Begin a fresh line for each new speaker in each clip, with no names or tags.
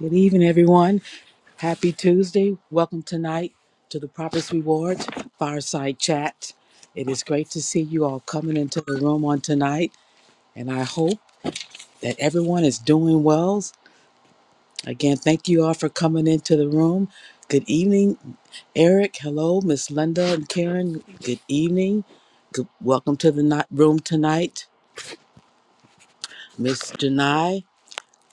Good evening, everyone. Happy Tuesday. Welcome tonight to the Prophet's Reward Fireside Chat. It is great to see you all coming into the room on tonight, and I hope that everyone is doing well. Again, thank you all for coming into the room. Good evening, Eric. Hello, Miss Linda and Karen. Good evening. Good, welcome to the night room tonight, Miss Janai.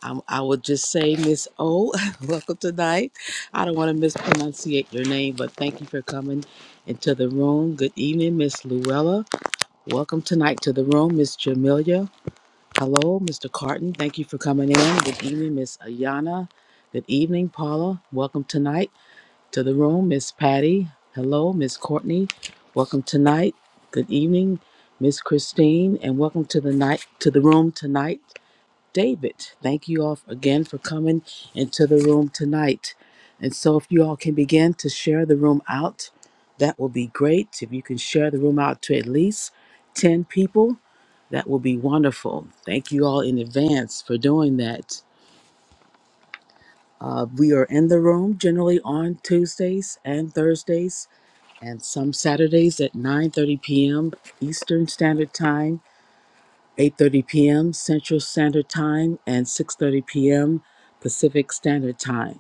I'm, I would just say, Miss O, welcome tonight. I don't want to mispronunciate your name, but thank you for coming into the room. Good evening, Miss Luella. Welcome tonight to the room, Miss Jamelia. Hello, Mr. Carton. Thank you for coming in. Good evening, Miss Ayana. Good evening, Paula. Welcome tonight to the room, Miss Patty. Hello, Miss Courtney. Welcome tonight. Good evening, Miss Christine, and welcome to the night to the room tonight. David. Thank you all again for coming into the room tonight. And so, if you all can begin to share the room out, that will be great. If you can share the room out to at least 10 people, that will be wonderful. Thank you all in advance for doing that. Uh, we are in the room generally on Tuesdays and Thursdays and some Saturdays at 9:30 p.m. Eastern Standard Time 8:30 p.m. Central Standard Time and 6:30 p.m. Pacific Standard Time.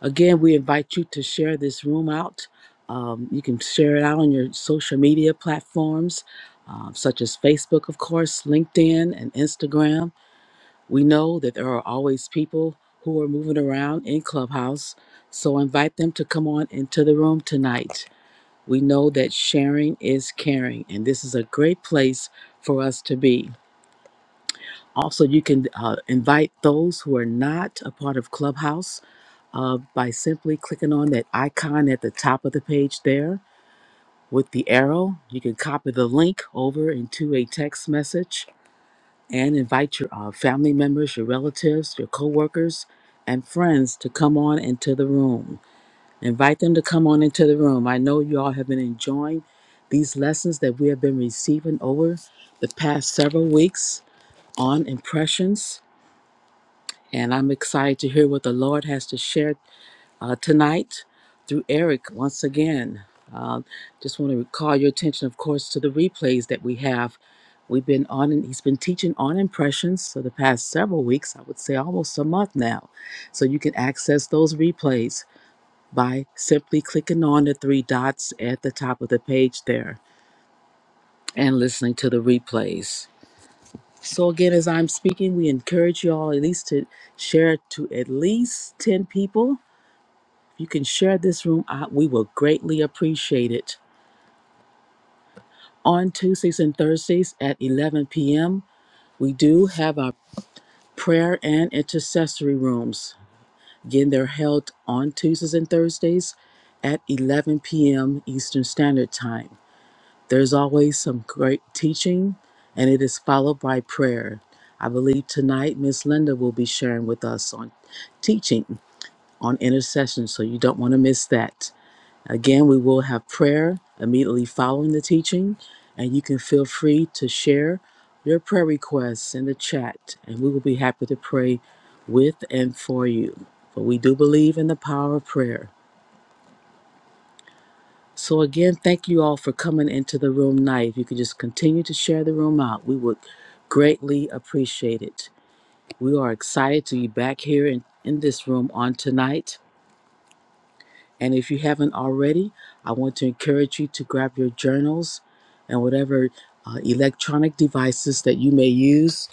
Again, we invite you to share this room out. Um, you can share it out on your social media platforms, um, such as Facebook, of course, LinkedIn, and Instagram. We know that there are always people who are moving around in Clubhouse, so invite them to come on into the room tonight. We know that sharing is caring, and this is a great place for us to be. Also, you can uh, invite those who are not a part of Clubhouse uh, by simply clicking on that icon at the top of the page there with the arrow. You can copy the link over into a text message and invite your uh, family members, your relatives, your coworkers, and friends to come on into the room. Invite them to come on into the room. I know you all have been enjoying these lessons that we have been receiving over the past several weeks on impressions And I'm excited to hear what the Lord has to share uh, tonight through Eric once again. Uh, just want to call your attention, of course, to the replays that we have. We've been on, and he's been teaching on impressions for the past several weeks, I would say almost a month now. So you can access those replays by simply clicking on the three dots at the top of the page there and listening to the replays. So again, as I'm speaking, we encourage you all at least to share to at least 10 people. If you can share this room out, we will greatly appreciate it. On Tuesdays and Thursdays at 11 p.m., we do have our prayer and intercessory rooms. Again, they're held on Tuesdays and Thursdays at 11 p.m. Eastern Standard Time. There's always some great teaching, and it is followed by prayer. I believe tonight Miss Linda will be sharing with us on teaching on intercession, so you don't want to miss that. Again, we will have prayer immediately following the teaching, and you can feel free to share your prayer requests in the chat, and we will be happy to pray with and for you. For we do believe in the power of prayer. So, again, thank you all for coming into the room tonight. If you could just continue to share the room out, we would greatly appreciate it. We are excited to be back here in, in this room on tonight. And if you haven't already, I want to encourage you to grab your journals and whatever uh, electronic devices that you may use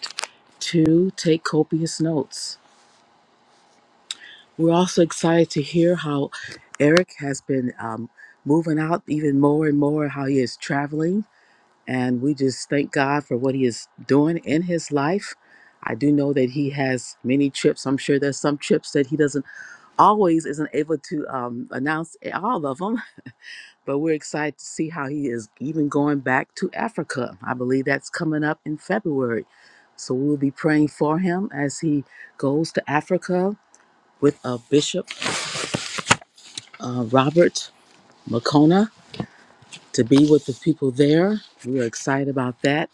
to take copious notes. We're also excited to hear how Eric has been um, moving out even more and more, how he is traveling And we just thank God for what He is doing in His life. I do know that He has many trips. I'm sure there's some trips that He doesn't always isn't able to um, announce all of them. But we're excited to see how He is even going back to Africa. I believe that's coming up in February. So we'll be praying for Him as He goes to Africa with uh, Bishop uh, Robert Makona to be with the people there. We are excited about that.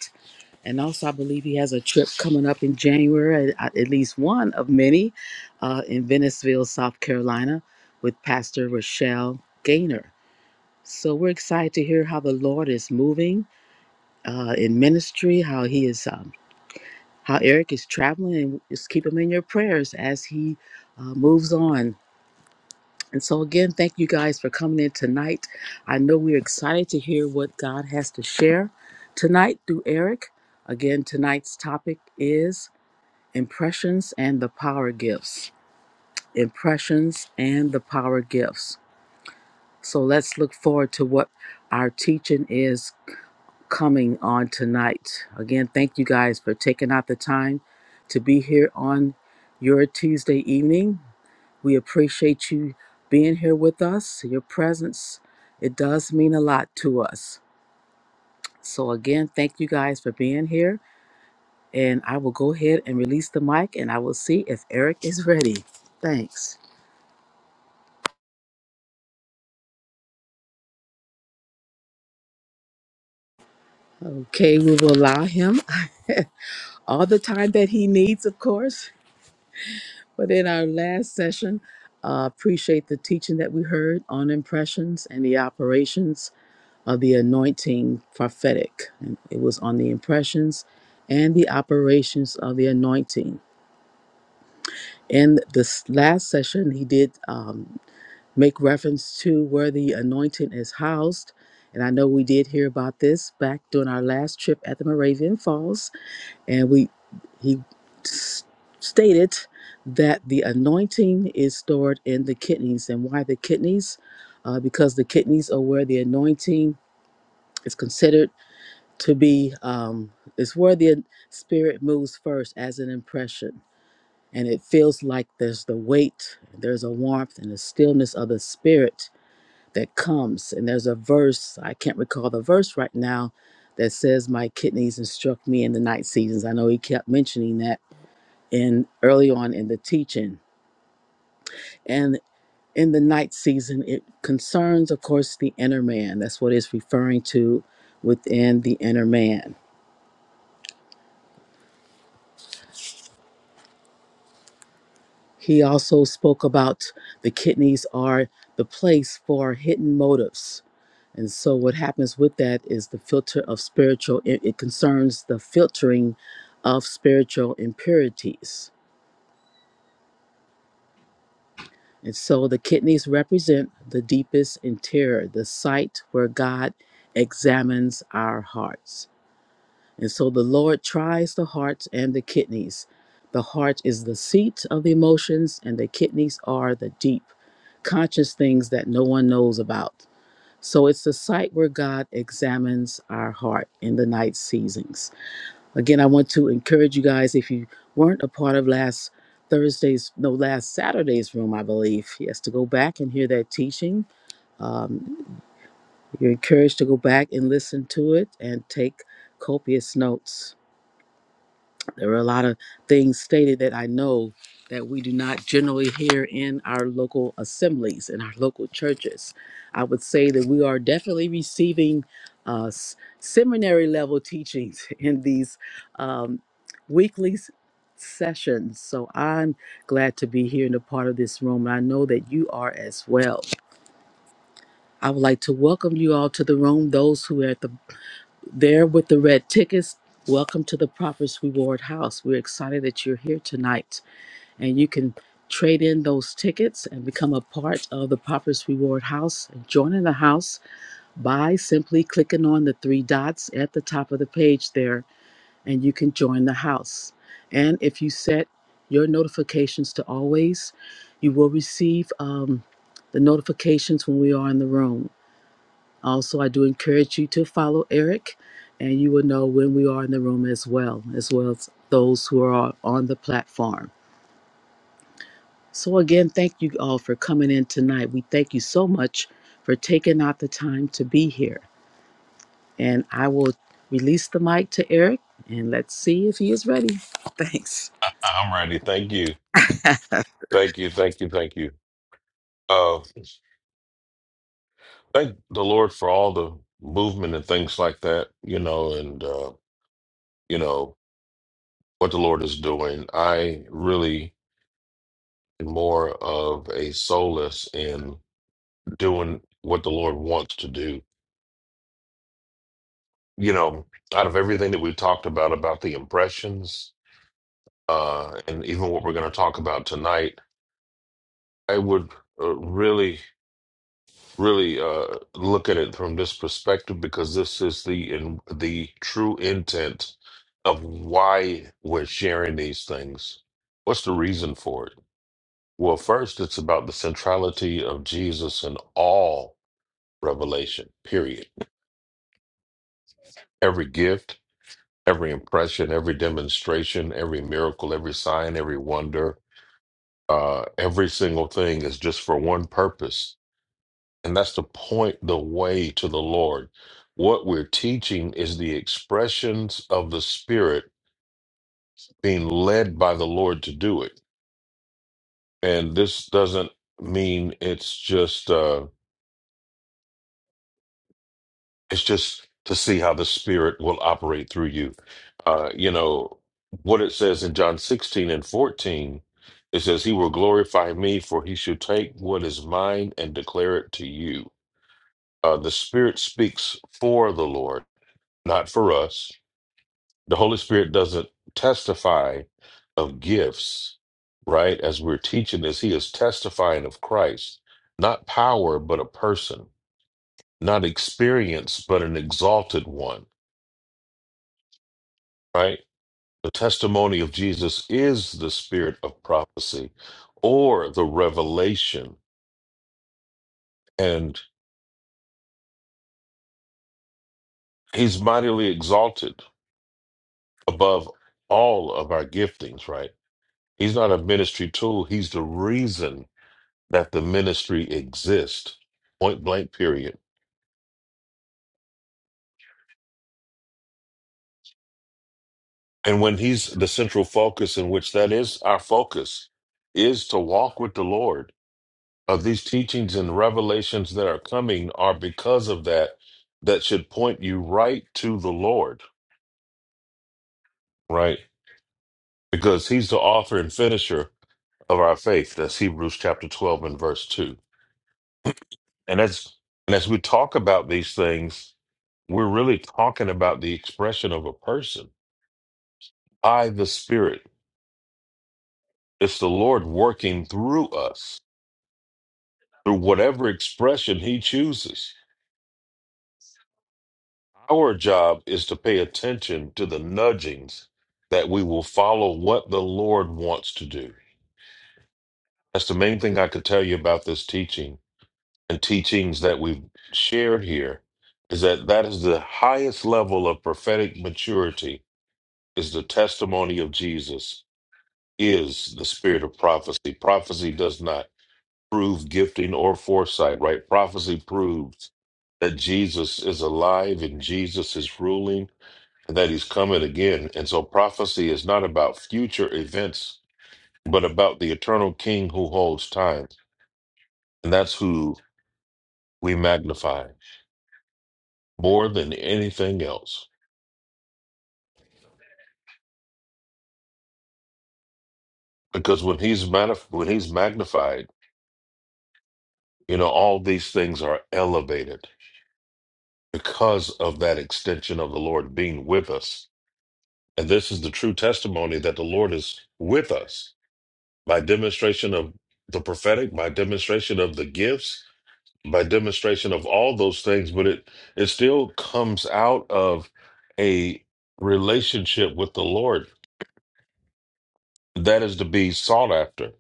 And also, I believe he has a trip coming up in January, at at least one of many, uh, in Venice,ville South Carolina, with Pastor Rochelle Gaynor. So we're excited to hear how the Lord is moving uh, in ministry, how he is, um, how Eric is traveling, and just keep him in your prayers as he uh, moves on. And so again, thank you guys for coming in tonight. I know we're excited to hear what God has to share tonight through Eric. Again, tonight's topic is Impressions and the Power Gifts. Impressions and the Power Gifts. So let's look forward to what our teaching is coming on tonight. Again, thank you guys for taking out the time to be here on your Tuesday evening. We appreciate you being here with us. Your presence, it does mean a lot to us. So again, thank you guys for being here. And I will go ahead and release the mic and I will see if Eric is ready. Thanks. Okay, we will allow him all the time that he needs, of course. But in our last session, uh, appreciate the teaching that we heard on impressions and the operations of the anointing prophetic. And it was on the impressions and the operations of the anointing. In this last session, he did um, make reference to where the anointing is housed. And I know we did hear about this back during our last trip at the Moravian Falls and we he s- stated that the anointing is stored in the kidneys and why the kidneys uh, because the kidneys are where the anointing is considered to be um, it's where the spirit moves first as an impression and it feels like there's the weight there's a warmth and a stillness of the spirit that comes and there's a verse i can't recall the verse right now that says my kidneys instruct me in the night seasons i know he kept mentioning that in early on in the teaching. And in the night season, it concerns, of course, the inner man. That's what it's referring to within the inner man. He also spoke about the kidneys are the place for hidden motives. And so, what happens with that is the filter of spiritual, it, it concerns the filtering of spiritual impurities. And so the kidneys represent the deepest interior, the site where God examines our hearts. And so the Lord tries the hearts and the kidneys. The heart is the seat of the emotions, and the kidneys are the deep, conscious things that no one knows about. So it's the site where God examines our heart in the night seasons. Again, I want to encourage you guys if you weren't a part of last Thursday's, no, last Saturday's room, I believe, yes, to go back and hear that teaching. Um, you're encouraged to go back and listen to it and take copious notes. There are a lot of things stated that I know that we do not generally hear in our local assemblies, in our local churches. I would say that we are definitely receiving uh, s- seminary level teachings in these um, weekly s- sessions. So I'm glad to be here and a part of this room, and I know that you are as well. I would like to welcome you all to the room, those who are at the there with the red tickets. Welcome to the Prophet's Reward House. We're excited that you're here tonight and you can trade in those tickets and become a part of the Prophet's Reward House. Join in the house by simply clicking on the three dots at the top of the page there and you can join the house. And if you set your notifications to always, you will receive um, the notifications when we are in the room. Also, I do encourage you to follow Eric, and you will know when we are in the room as well, as well as those who are on the platform. So, again, thank you all for coming in tonight. We thank you so much for taking out the time to be here. And I will release the mic to Eric, and let's see if he is ready. Thanks.
I'm ready. Thank you. Thank you. Thank you. Thank you. Uh, thank the Lord for all the movement and things like that, you know, and, uh, you know, what the Lord is doing. I really am more of a solace in doing what the Lord wants to do. You know, out of everything that we talked about, about the impressions, uh, and even what we're going to talk about tonight, I would uh, really. really uh, look at it from this perspective because this is the in, the true intent of why we're sharing these things. What's the reason for it? Well, first, it's about the centrality of Jesus in all revelation. Period. Every gift, every impression, every demonstration, every miracle, every sign, every wonder, uh, every single thing is just for one purpose And that's to point the way to the Lord. What we're teaching is the expressions of the Spirit being led by the Lord to do it. And this doesn't mean it's just uh it's just to see how the Spirit will operate through you. Uh, you know, what it says in John 16 and 14, it says, He will glorify me, for he shall take what is mine and declare it to you. Uh, the Spirit speaks for the Lord, not for us The Holy Spirit doesn't testify of gifts, right? As we're teaching this, he is testifying of Christ, not power, but a person, not experience, but an exalted one, right? The testimony of Jesus is the spirit of prophecy or the revelation, and he's mightily exalted above all of our giftings, right? He's not a ministry tool, he's the reason that the ministry exists, point blank, period. And when he's the central focus, in which that is our focus, is to walk with the Lord. Of these teachings and revelations that are coming are because of that, that should point you right to the Lord, right? Because he's the author and finisher of our faith. That's Hebrews chapter 12 and verse 2. And as and as we talk about these things, we're really talking about the expression of a person by the Spirit It's the Lord working through us, through whatever expression He chooses. Our job is to pay attention to the nudgings that we will follow what the Lord wants to do. That's the main thing I could tell you about this teaching and teachings that we've shared here is that that is the highest level of prophetic maturity is the testimony of Jesus is the spirit of prophecy. Prophecy does not prove gifting or foresight, right? Prophecy proves that Jesus is alive and Jesus is ruling and that he's coming again. And so prophecy is not about future events, but about the eternal king who holds time. And that's who we magnify more than anything else. Because when he's manif- when he's magnified, you know, all these things are elevated because of that extension of the Lord being with us And this is the true testimony that the Lord is with us by demonstration of the prophetic, by demonstration of the gifts, by demonstration of all those things. But it, it still comes out of a relationship with the Lord that is to be sought after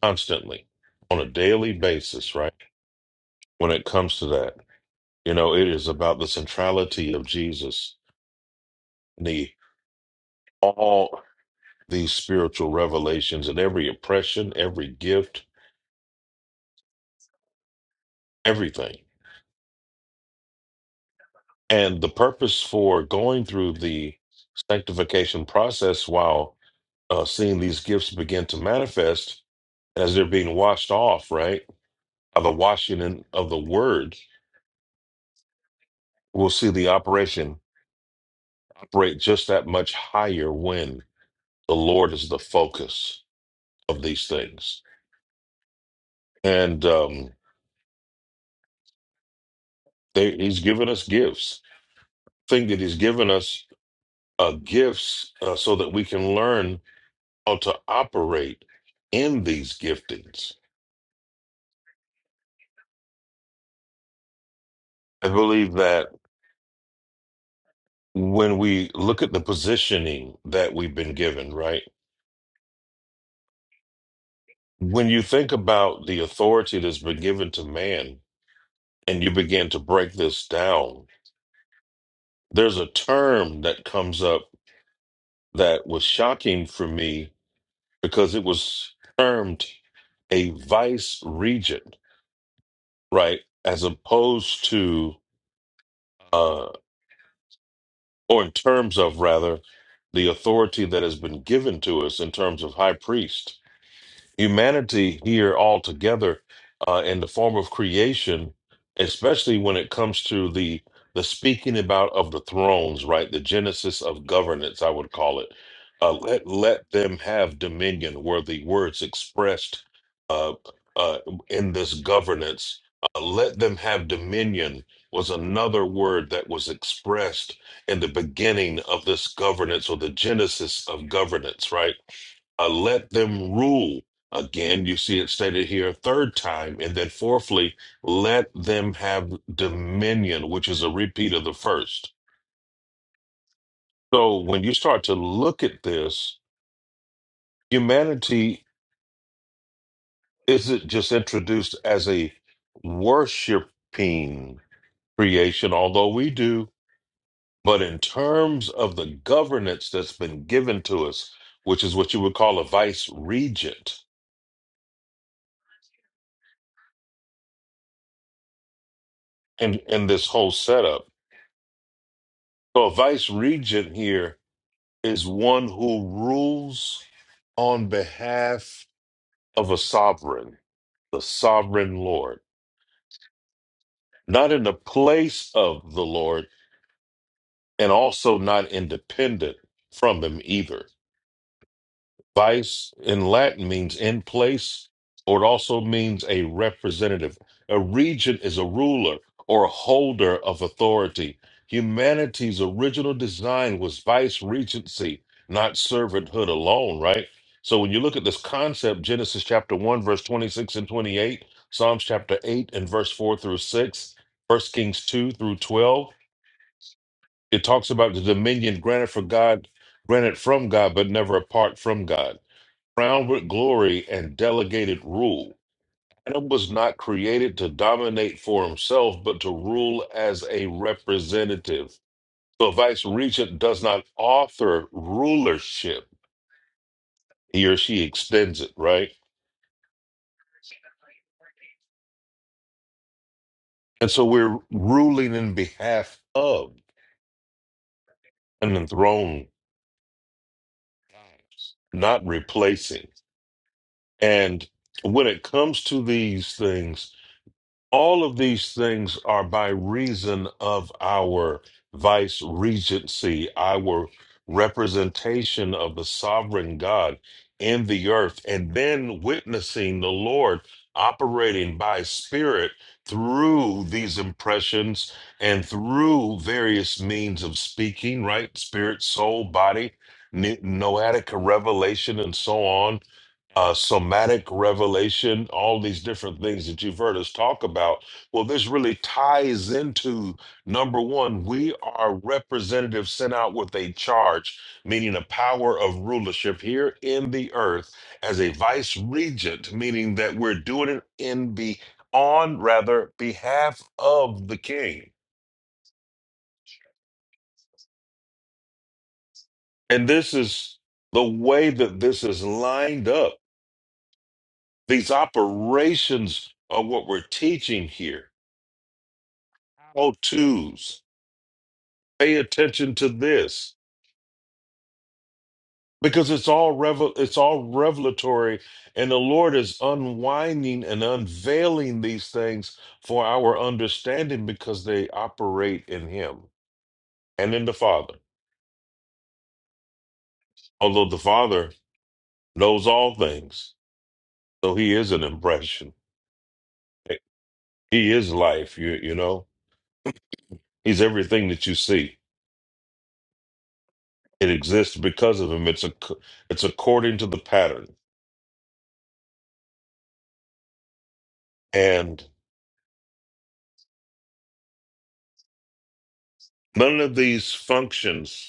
constantly on a daily basis, right? When it comes to that, you know, it is about the centrality of Jesus, the all these spiritual revelations and every impression, every gift everything. And the purpose for going through the sanctification process while uh, seeing these gifts begin to manifest as they're being washed off, right? By the washing in, of the word, we'll see the operation operate just that much higher when the Lord is the focus of these things. And um, they, he's given us gifts. Thing that he's given us uh, gifts uh, so that we can learn how to operate in these giftings I believe that when we look at the positioning that we've been given, right? When you think about the authority that's been given to man and you begin to break this down, there's a term that comes up that was shocking for me because it was termed a vice regent, right? As opposed to, uh, or in terms of rather, the authority that has been given to us in terms of high priest humanity here altogether uh, in the form of creation, especially when it comes to the the speaking about of the thrones, right? The genesis of governance, I would call it. Uh, let let them have dominion, were the words expressed uh, uh, in this governance. Uh, let them have dominion was another word that was expressed in the beginning of this governance or the genesis of governance, right? uh, let them rule. Again, you see it stated here a third time. And then, fourthly, let them have dominion, which is a repeat of the first. So, when you start to look at this, humanity isn't just introduced as a worshiping creation, although we do, but in terms of the governance that's been given to us, which is what you would call a vice regent in, in this whole setup. So, a vice regent here is one who rules on behalf of a sovereign, the sovereign Lord, not in the place of the Lord, and also not independent from him either. Vice in Latin means in place, or it also means a representative. A regent is a ruler or a holder of authority. Humanity's original design was vice regency, not servanthood alone, right? So when you look at this concept, Genesis chapter 1, verse 26 and 28, Psalms chapter 8 and verse 4 through 6, First Kings 2 through 12, it talks about the dominion granted for God, granted from God, but never apart from God crowned with glory and delegated rule. Adam was not created to dominate for himself, but to rule as a representative. So, a vice regent does not author rulership, he or she extends it, right? And so, we're ruling in behalf of an enthroned, God, not replacing. And when it comes to these things, all of these things are by reason of our vice regency, our representation of the sovereign God in the earth, and then witnessing the Lord operating by spirit through these impressions and through various means of speaking, right? Spirit, soul, body, n- noetic revelation, and so on uh, somatic revelation, all these different things that you've heard us talk about. Well, this really ties into number one, we are representatives sent out with a charge, meaning a power of rulership here in the earth as a vice regent, meaning that we're doing it in be on rather behalf of the king. And this is the way that this is lined up. These operations are what we're teaching here how to's. Pay attention to this because it's all revel it's all revelatory, and the Lord is unwinding and unveiling these things for our understanding because they operate in Him and in the Father. Although the Father knows all things, so He is an impression. He is life. You you know He's everything that you see. It exists because of Him. It's a it's according to the pattern and. None of these functions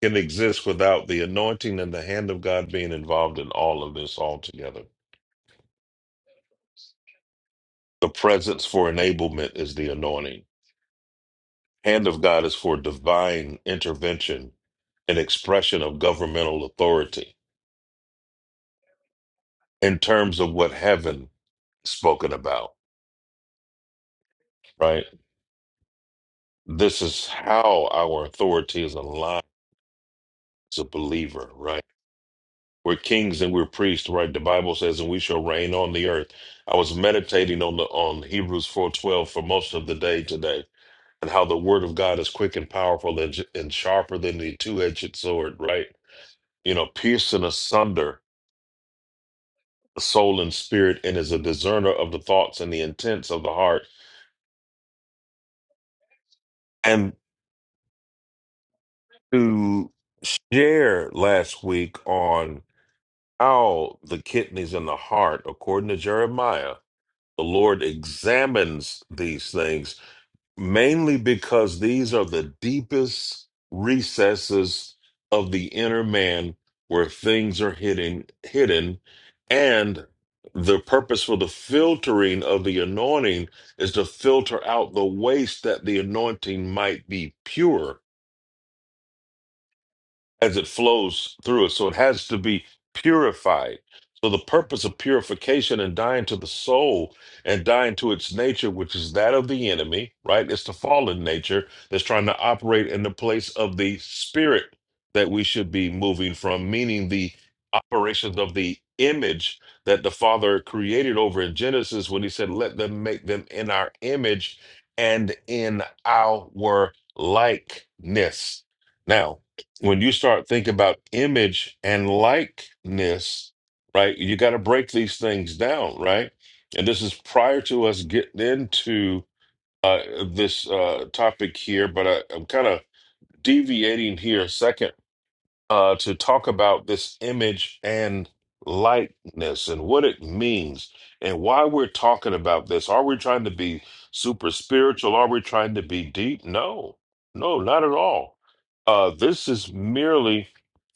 can exist without the anointing and the hand of God being involved in all of this altogether. The presence for enablement is the anointing. Hand of God is for divine intervention and expression of governmental authority in terms of what heaven spoken about, right? This is how our authority is aligned as a believer, right? We're kings and we're priests, right? The Bible says, and we shall reign on the earth. I was meditating on the on Hebrews 4:12 for most of the day today and how the word of God is quick and powerful and, and sharper than the two edged sword, right? You know, piercing asunder soul and spirit, and is a discerner of the thoughts and the intents of the heart. And to share last week on how the kidneys and the heart, according to Jeremiah, the Lord examines these things mainly because these are the deepest recesses of the inner man where things are hidden hidden and the purpose for the filtering of the anointing is to filter out the waste that the anointing might be pure as it flows through it. So it has to be purified. So the purpose of purification and dying to the soul and dying to its nature, which is that of the enemy, right? It's the fallen nature that's trying to operate in the place of the spirit that we should be moving from, meaning the operations of the image that the Father created over in Genesis when he said, Let them make them in our image and in our likeness. Now when you start thinking about image and likeness, right? You got to break these things down, right? And this is prior to us getting into uh, this uh, topic here, but I, I'm kind of deviating here a second uh, to talk about this image and likeness and what it means and why we're talking about this. Are we trying to be super spiritual? Are we trying to be deep? No, no, not at all. Uh, this is merely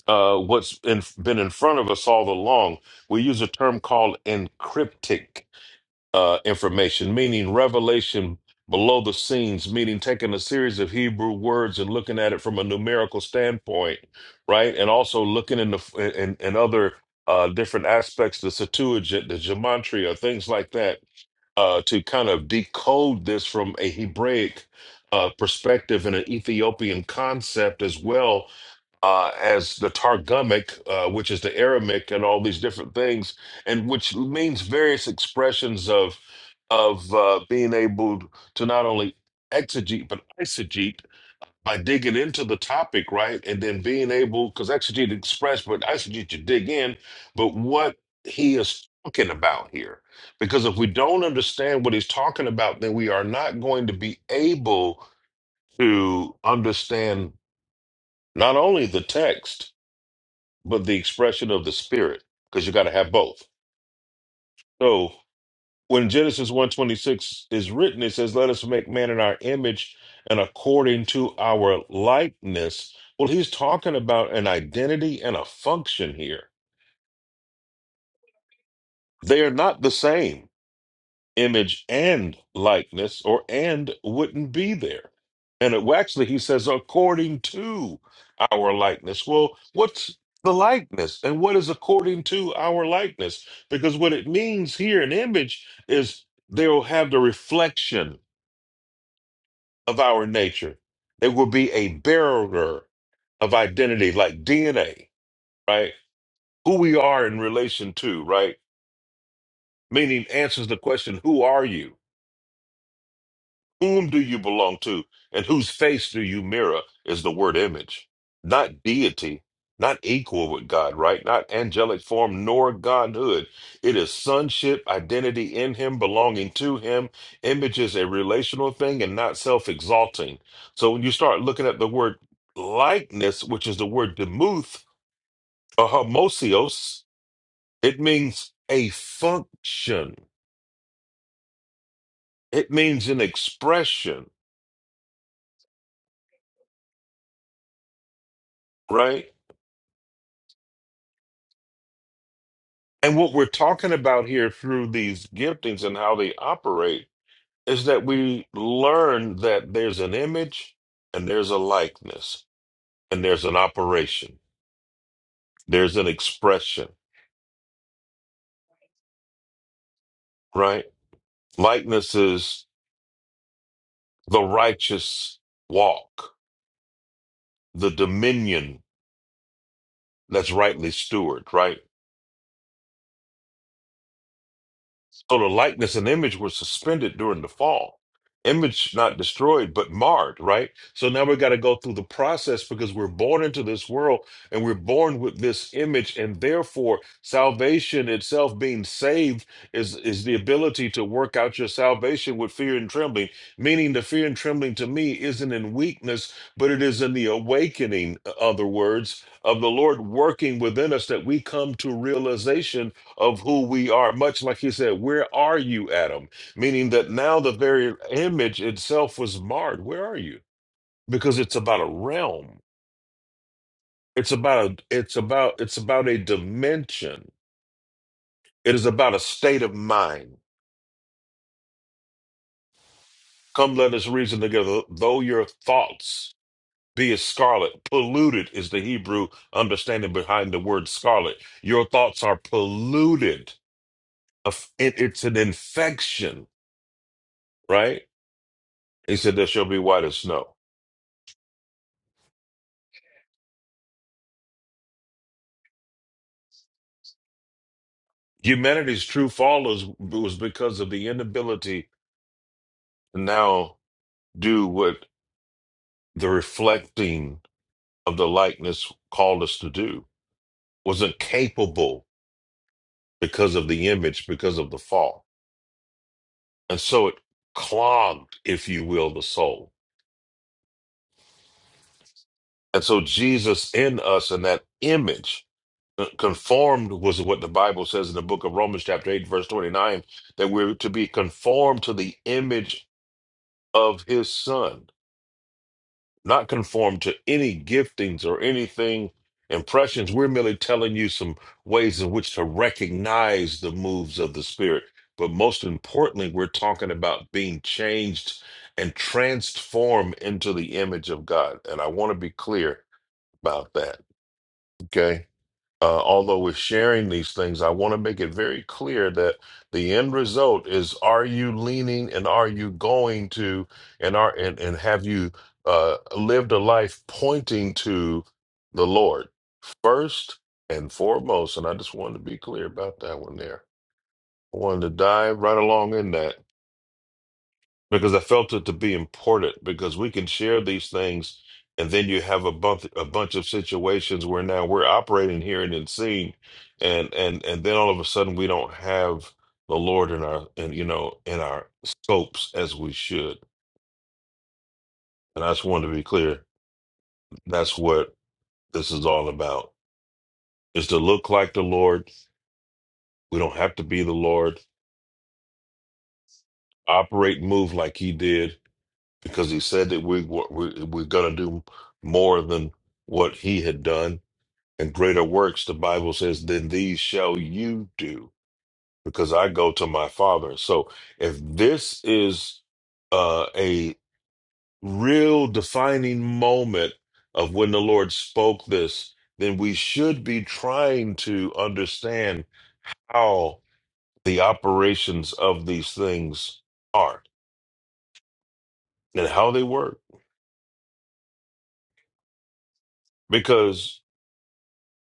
uh, what's in, been in front of us all along. We use a term called encryptic uh, information, meaning revelation below the scenes, meaning taking a series of Hebrew words and looking at it from a numerical standpoint, right? And also looking in the in, in other uh, different aspects, the Septuagint, the Gematria, things like that, uh, to kind of decode this from a Hebraic uh, perspective and an Ethiopian concept as well uh, as the Targumic, uh, which is the Aramic, and all these different things, and which means various expressions of of uh, being able to not only exegete but eisegete by digging into the topic, right, and then being able because exegete express, but eisegete you dig in. But what he is talking about here, because if we don't understand what he's talking about, then we are not going to be able to understand not only the text but the expression of the spirit because you got to have both so when genesis 126 is written it says let us make man in our image and according to our likeness well he's talking about an identity and a function here they are not the same image and likeness, or and wouldn't be there. And it, well, actually, he says, according to our likeness. Well, what's the likeness? And what is according to our likeness? Because what it means here, an image, is they will have the reflection of our nature. They will be a bearer of identity, like DNA, right? Who we are in relation to, right? Meaning answers the question, who are you? Whom do you belong to? And whose face do you mirror is the word image. Not deity, not equal with God, right? Not angelic form, nor godhood. It is sonship, identity in Him, belonging to Him. Image is a relational thing and not self exalting. So when you start looking at the word likeness, which is the word demuth or homosios, it means a function, it means an expression, right? And what we're talking about here through these giftings and how they operate is that we learn that there's an image and there's a likeness and there's an operation, there's an expression, right? Likeness is the righteous walk, the dominion that's rightly stewarded. right? So the likeness and image were suspended during the fall. Image not destroyed, but marred, right? So now we got to go through the process because we're born into this world and we're born with this image, and therefore salvation itself, being saved, is is the ability to work out your salvation with fear and trembling. Meaning, the fear and trembling to me isn't in weakness, but it is in the awakening. in Other words of the Lord working within us that we come to realization of who we are, much like he said, Where are you, Adam? Meaning that now the very image itself was marred. Where are you? Because it's about a realm. It's about a, it's about it's about a dimension. It is about a state of mind. Come let us reason together, though your thoughts be as scarlet, polluted is the Hebrew understanding behind the word scarlet. Your thoughts are polluted. Of- it- It's an infection, right? He said, There shall be white as snow humanity's true fall is, was because of the inability to now do what the reflecting of the likeness called us to do wasn't capable because of the image because of the fall and so it clogged if you will the soul and so jesus in us in that image uh, conformed was what the bible says in the book of romans chapter 8 verse 29 that we're to be conformed to the image of his son not conformed to any giftings or anything impressions. We're merely telling you some ways in which to recognize the moves of the Spirit. But most importantly, we're talking about being changed and transformed into the image of God. And I want to be clear about that. Okay uh, although we're sharing these things, I want to make it very clear that the end result is: Are you leaning, and are you going to, and are and and have you uh, lived a life pointing to the Lord first and foremost? And I just wanted to be clear about that one there. I wanted to dive right along in that because I felt it to be important because we can share these things, and then you have a bunch a bunch of situations where now we're operating here and then seeing, and and and then all of a sudden we don't have the Lord in our and you know in our scopes as we should. And I just wanted to be clear. That's what this is all about: is to look like the Lord. We don't have to be the Lord. Operate, move like He did, because He said that we we we're gonna do more than what He had done And greater works, the Bible says, than these shall you do, because I go to my Father. So if this is uh, a real defining moment of when the Lord spoke this, then we should be trying to understand how the operations of these things are and how they work. Because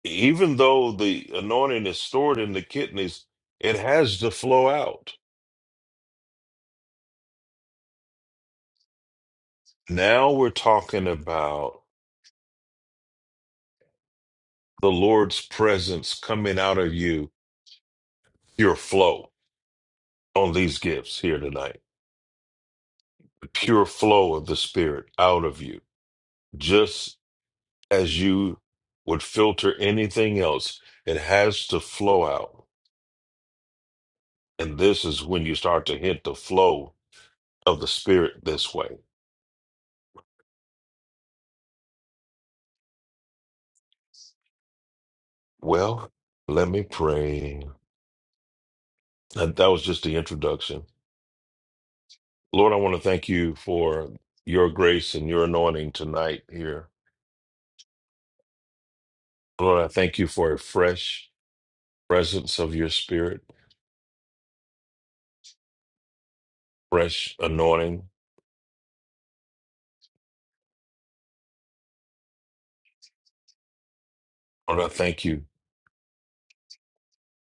even though the anointing is stored in the kidneys, it has to flow out Now we're talking about the Lord's presence coming out of you, pure flow on these gifts here tonight, the pure flow of the Spirit out of you, just as you would filter anything else. It has to flow out. And this is when you start to hit the flow of the Spirit this way. Well, let me pray. And that was just the introduction. Lord, I want to thank you for your grace and your anointing tonight here. Lord, I thank you for a fresh presence of your spirit, fresh anointing. Lord, I thank you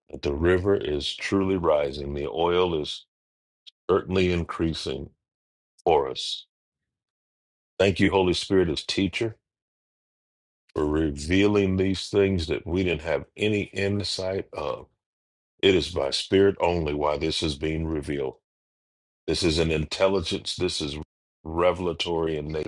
that the river is truly rising. The oil is certainly increasing for us. Thank you, Holy Spirit, as teacher, for revealing these things that we didn't have any insight of. It is by spirit only why this is being revealed. This is an intelligence. This is revelatory in nature.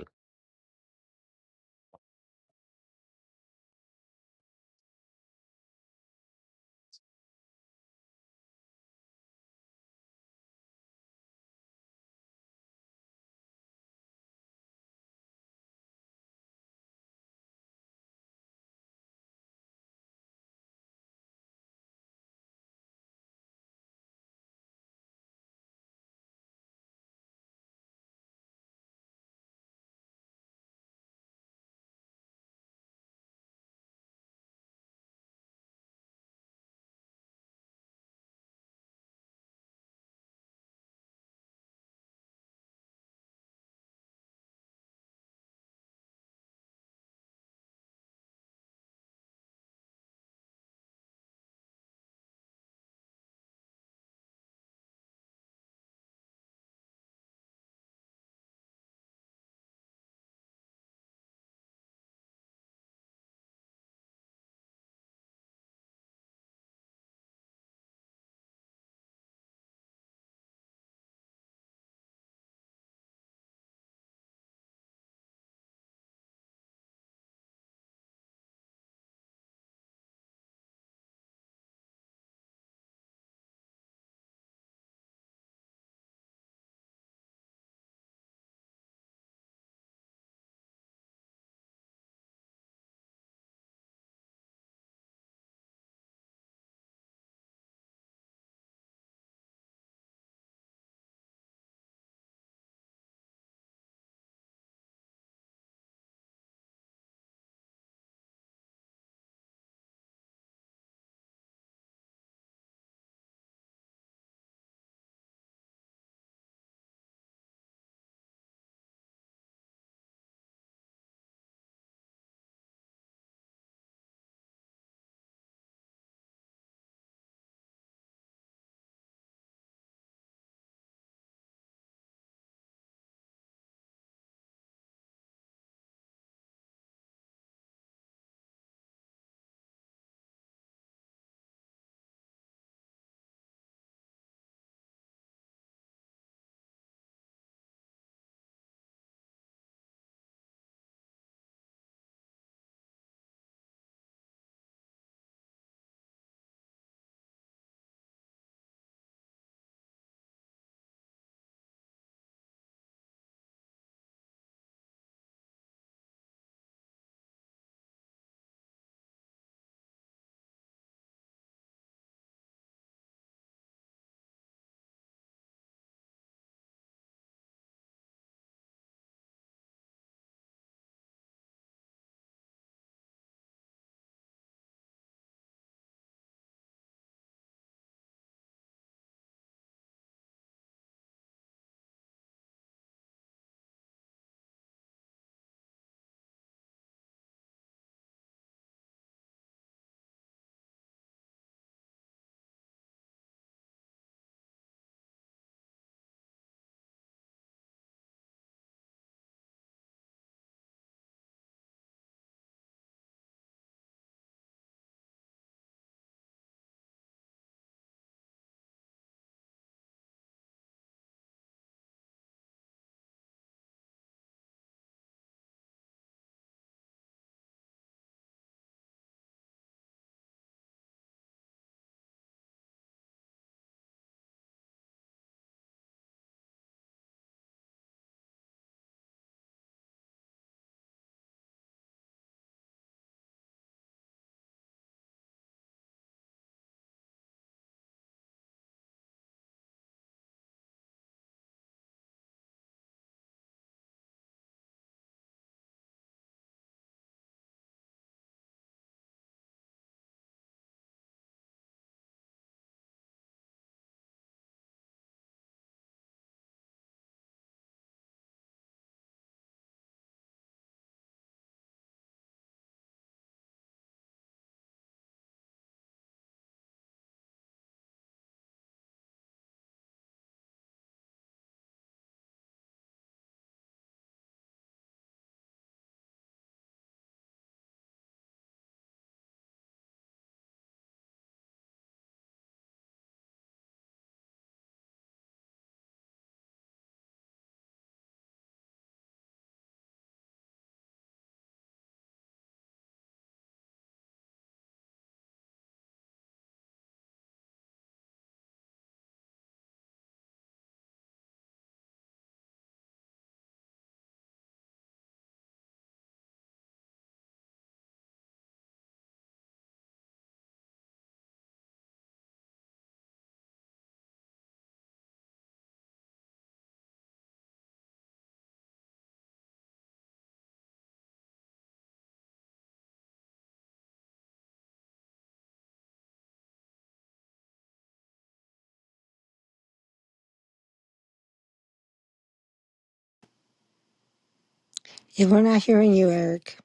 Yeah, we're not hearing you, Eric.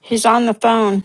He's on the phone.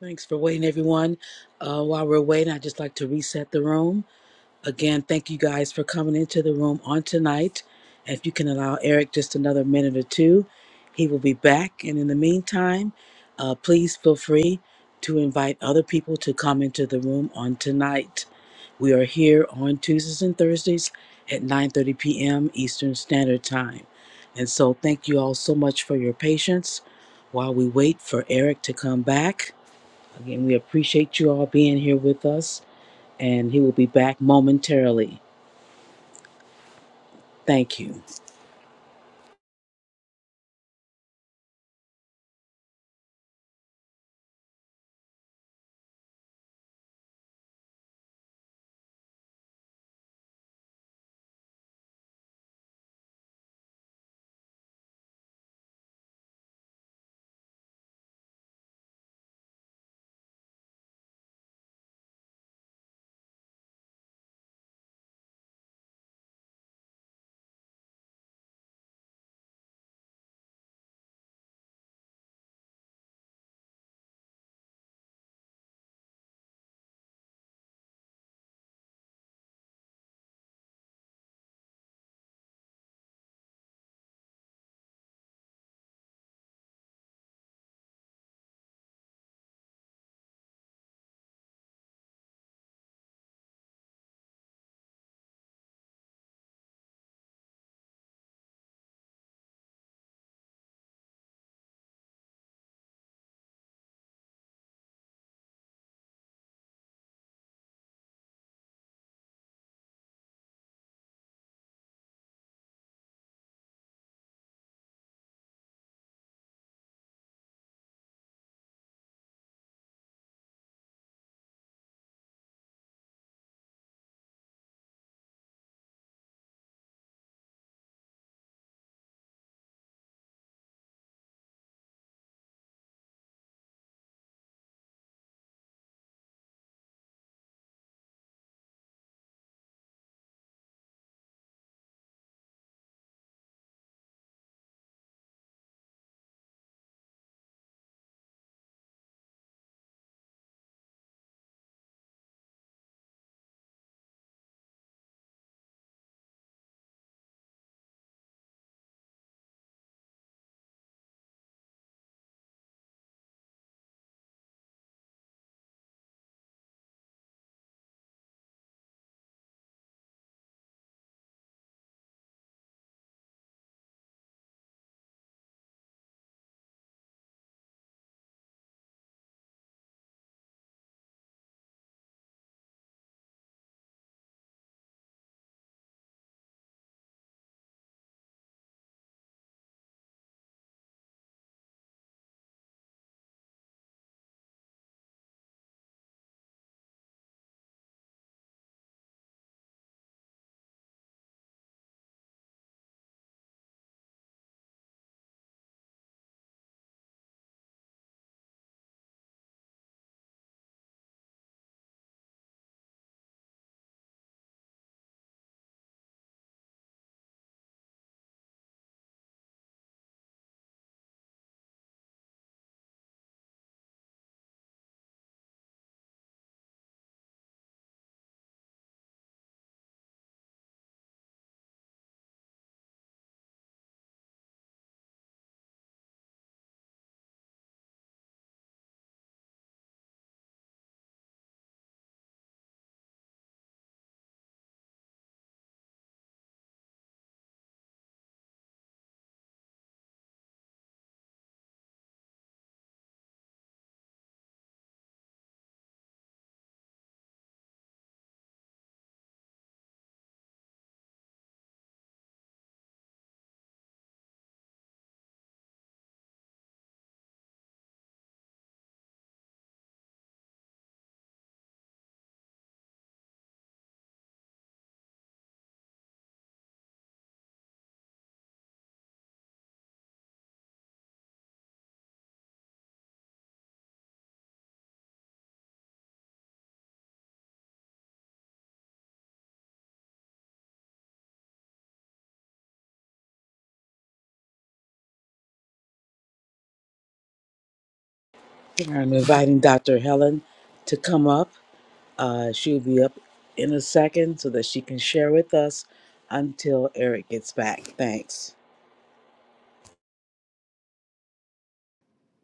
Thanks for waiting, everyone. Uh, while we're waiting, I'd just like to reset the room. Again, thank you guys for coming into the room on tonight. And If you can allow Eric just another minute or two, he will be back. And in the meantime, uh, please feel free to invite other people to come into the room on tonight. We are here on Tuesdays and Thursdays at 9:30 p.m. Eastern Standard Time. And so thank you all so much for your patience while we wait for Eric to come back. Again, we appreciate you all being here with us, and he will be back momentarily. Thank you. I'm inviting Dr. Helen to come up. Uh, she'll be up in a second so that she can share with us until Eric gets back. Thanks.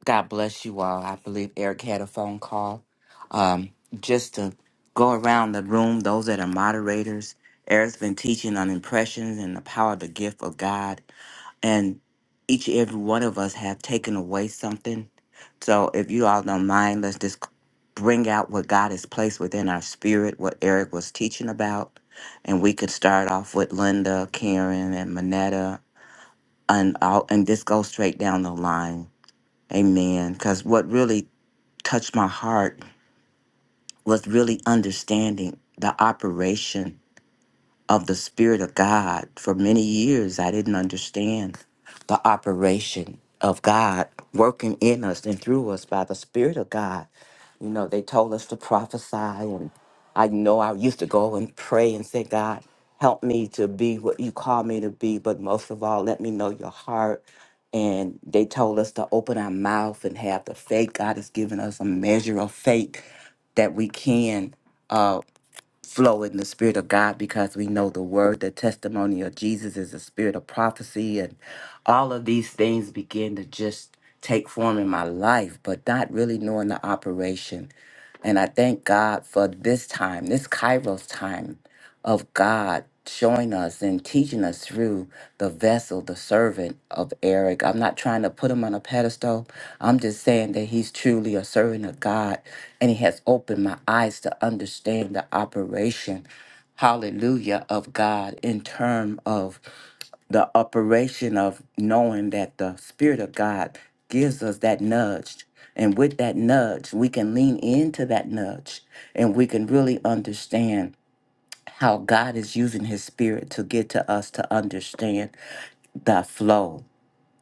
God bless you all. I believe Eric had a phone call. Um, just to go around the room, those that are moderators, Eric's been teaching on impressions and the power of the gift of God. And each and every one of us have taken away something. So if you all don't mind, let's just bring out what God has placed within our spirit, what Eric was teaching about. And we could start off with Linda, Karen, and Manetta, and, all, and just go straight down the line. Amen. Because what really touched my heart was really understanding the operation of the Spirit of God. For many years, I didn't understand the operation of God working in us and through us by the Spirit of God. You know, they told us to prophesy, and I know I used to go and pray and say, God, help me to be what you call me to be, but most of all, let me know your heart. And they told us to open our mouth and have the faith. God has given us a measure of faith that we can. uh, flow in the spirit of God because we know the word, the testimony of Jesus is a spirit of prophecy, and all of these things begin to just take form in my life, but not really knowing the operation. And I thank God for this time, this Kairos time, of God showing us and teaching us through the vessel, the servant of Eric. I'm not trying to put him on a pedestal. I'm just saying that he's truly a servant of God and he has opened my eyes to understand the operation, hallelujah, of God in term of the operation of knowing that the Spirit of God gives us that nudge. And with that nudge, we can lean into that nudge and we can really understand how God is using his spirit to get to us to understand the flow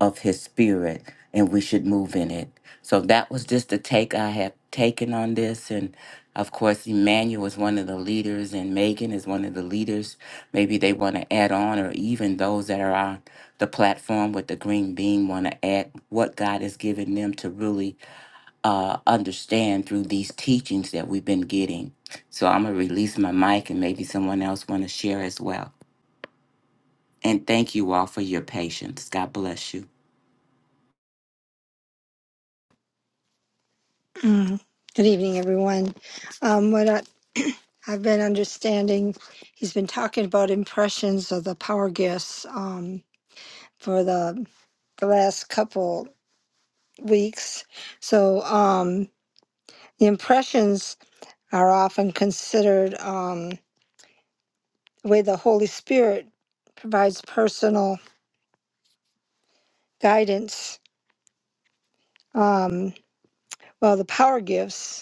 of his spirit and we should move in it. So that was just the take I have taken on this. And of course, Emmanuel is one of the leaders and Megan is one of the leaders. Maybe they want to add on or even those that are on the platform with the green beam want to add what God has given them to really uh, understand through these teachings that we've been getting. So I'm gonna release my mic, and maybe someone else want to share as well. And thank you all for your patience. God bless you.
Mm. Good evening, everyone. Um, what I, I've been understanding, he's been talking about impressions of the power gifts um, for the, the last couple weeks. So um, the impressions are often considered um, the way the Holy Spirit provides personal guidance. Um, well, the power gifts.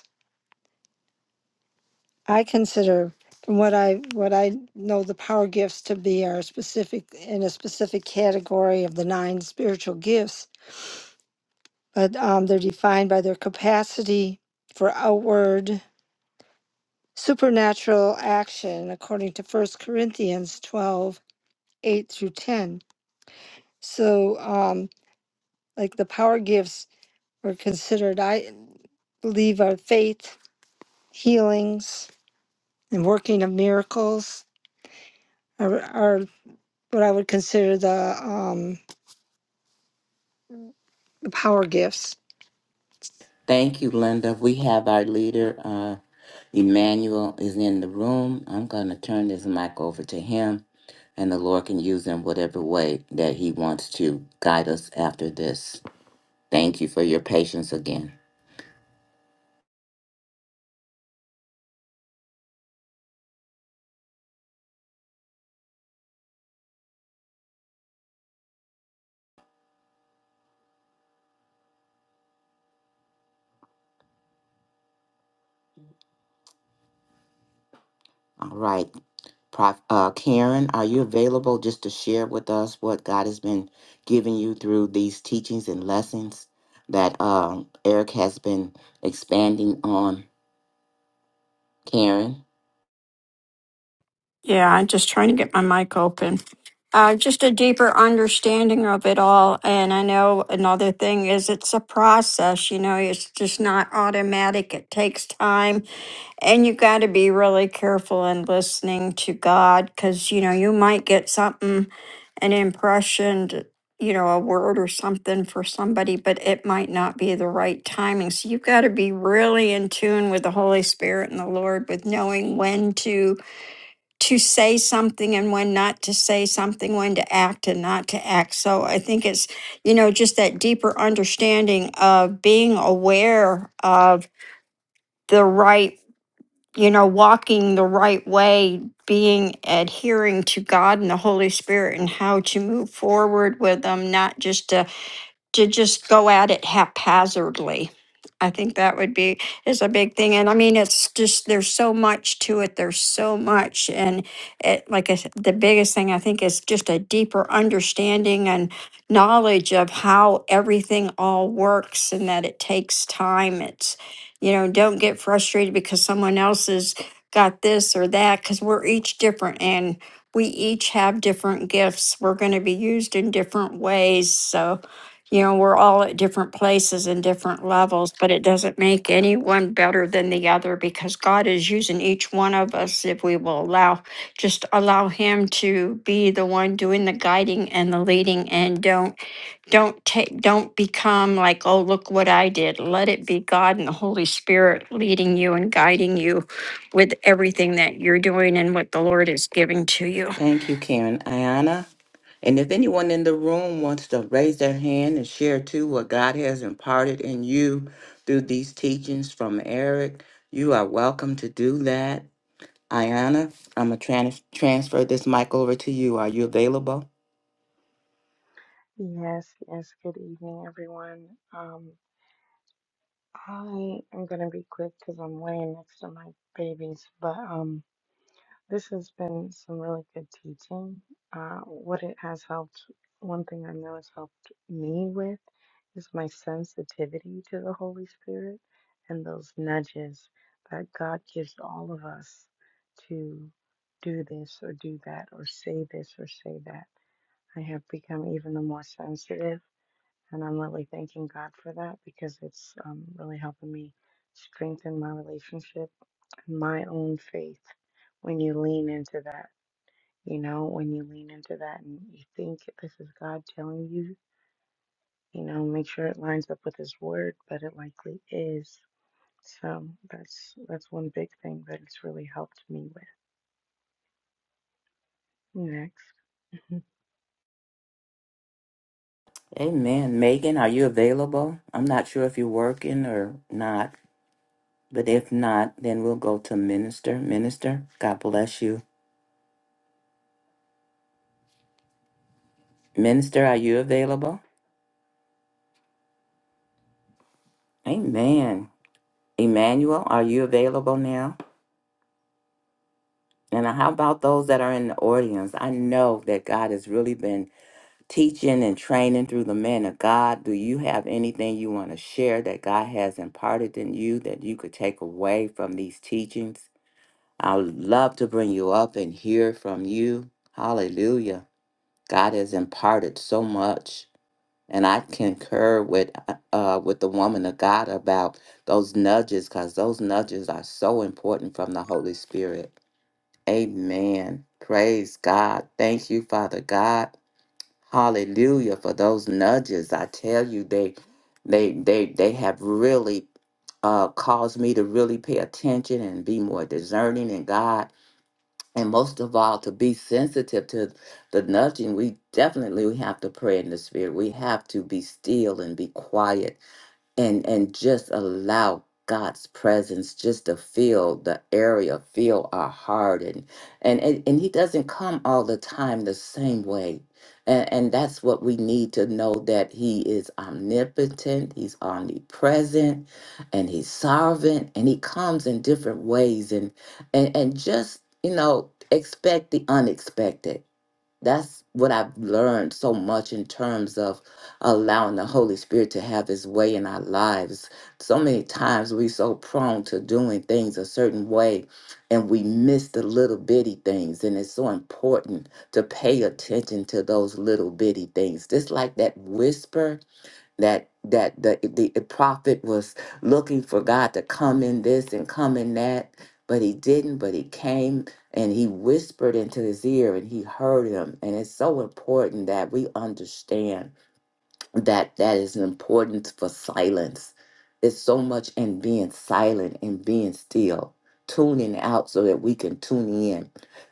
I consider from what I what I know the power gifts to be are specific in a specific category of the nine spiritual gifts, but um, they're defined by their capacity for outward supernatural action according to First Corinthians 12 8 through 10. So um, like the power gifts were considered I believe are faith, healings, and working of miracles are, are what I would consider the um, the power gifts
Thank you, Linda. We have our leader, uh, Emmanuel, is in the room. I'm gonna turn this mic over to him, and the Lord can use him whatever way that He wants to guide us after this. Thank you for your patience again. All right. Prof, uh, Karen, are you available just to share with us what God has been giving you through these teachings and lessons that um, Eric has been expanding on? Karen?
Yeah, I'm just trying to get my mic open. Uh, just a deeper understanding of it all. And I know another thing is it's a process, you know, it's just not automatic. It takes time. And you got to be really careful in listening to God because, you know, you might get something, an impression, to- you know, a word or something for somebody, but it might not be the right timing. So you've got to be really in tune with the Holy Spirit and the Lord with knowing when to to say something and when not to say something, when to act and not to act. So I think it's, you know, just that deeper understanding of being aware of the right, you know, walking the right way, being adhering to God and the Holy Spirit and how to move forward with them, not just to to just go at it haphazardly. I think that would be is a big thing, and I mean it's just there's so much to it. There's so much, and it, like I, s- the biggest thing I think is just a deeper understanding and knowledge of how everything all works, and that it takes time. It's you know don't get frustrated because someone else has got this or that because we're each different and we each have different gifts. We're going to be used in different ways, so you know, we're all at different places and different levels, but it doesn't make any one better than the other because God is using each one of us if we will allow, just allow Him to be the one doing the guiding and the leading, and don't don't take don't become like, oh look what I did. Let it be God and the Holy Spirit leading you and guiding you with everything that you're doing and what the Lord is giving to you.
Thank you, Karen. Ayana? And if anyone in the room wants to raise their hand and share too what God has imparted in you through these teachings from Eric, you are welcome to do that. Ayana, I'm going to transfer this mic over to you. Are you available?
Yes, yes. Good evening, everyone. Um, I am gonna be quick because I'm laying next to my babies, but um, this has been some really good teaching. Uh, what it has helped, one thing I know it's helped me with is my sensitivity to the Holy Spirit and those nudges that God gives all of us to do this or do that or say this or say that. I have become even the more sensitive and I'm really thanking God for that because it's um, really helping me strengthen my relationship and my own faith when you lean into that. You know, when you lean into that and you think this is God telling you, you know, make sure it lines up with His Word, but it likely is. So that's that's one big thing that it's really helped me with. Next.
Amen. Megan, are you available? I'm not sure if you're working or not, but if not, then we'll go to Minister. Minister, God bless you. Minister, are you available? Amen. Emmanuel, are you available now? And how about those that are in the audience? I know that God has really been teaching and training through the man of God. Do you have anything you want to share that God has imparted in you that you could take away from these teachings? I would love to bring you up and hear from you. Hallelujah. God has imparted so much. And I concur with uh, uh, with the woman of God about those nudges, because those nudges are so important from the Holy Spirit. Amen. Praise God. Thank you, Father God. Hallelujah for those nudges. I tell you, they they they they have really uh, caused me to really pay attention and be more discerning in God and most of all to be sensitive to the nudging we definitely we have to pray in the spirit we have to be still and be quiet and and just allow God's presence just to fill the area, fill our heart, and and and, and He doesn't come all the time the same way, and and that's what we need to know that He is omnipotent, He's omnipresent, and He's sovereign, and He comes in different ways, and and and just you know expect the unexpected that's what I've learned so much in terms of allowing the Holy Spirit to have his way in our lives. So many times we so prone to doing things a certain way and we miss the little bitty things. And it's so important to pay attention to those little bitty things. Just like that whisper that that the, the prophet was looking for God to come in this and come in that, but he didn't, but he came and he whispered into his ear and he heard him. And it's so important that we understand that that is important for silence. It's so much in being silent and being still, tuning out so that we can tune in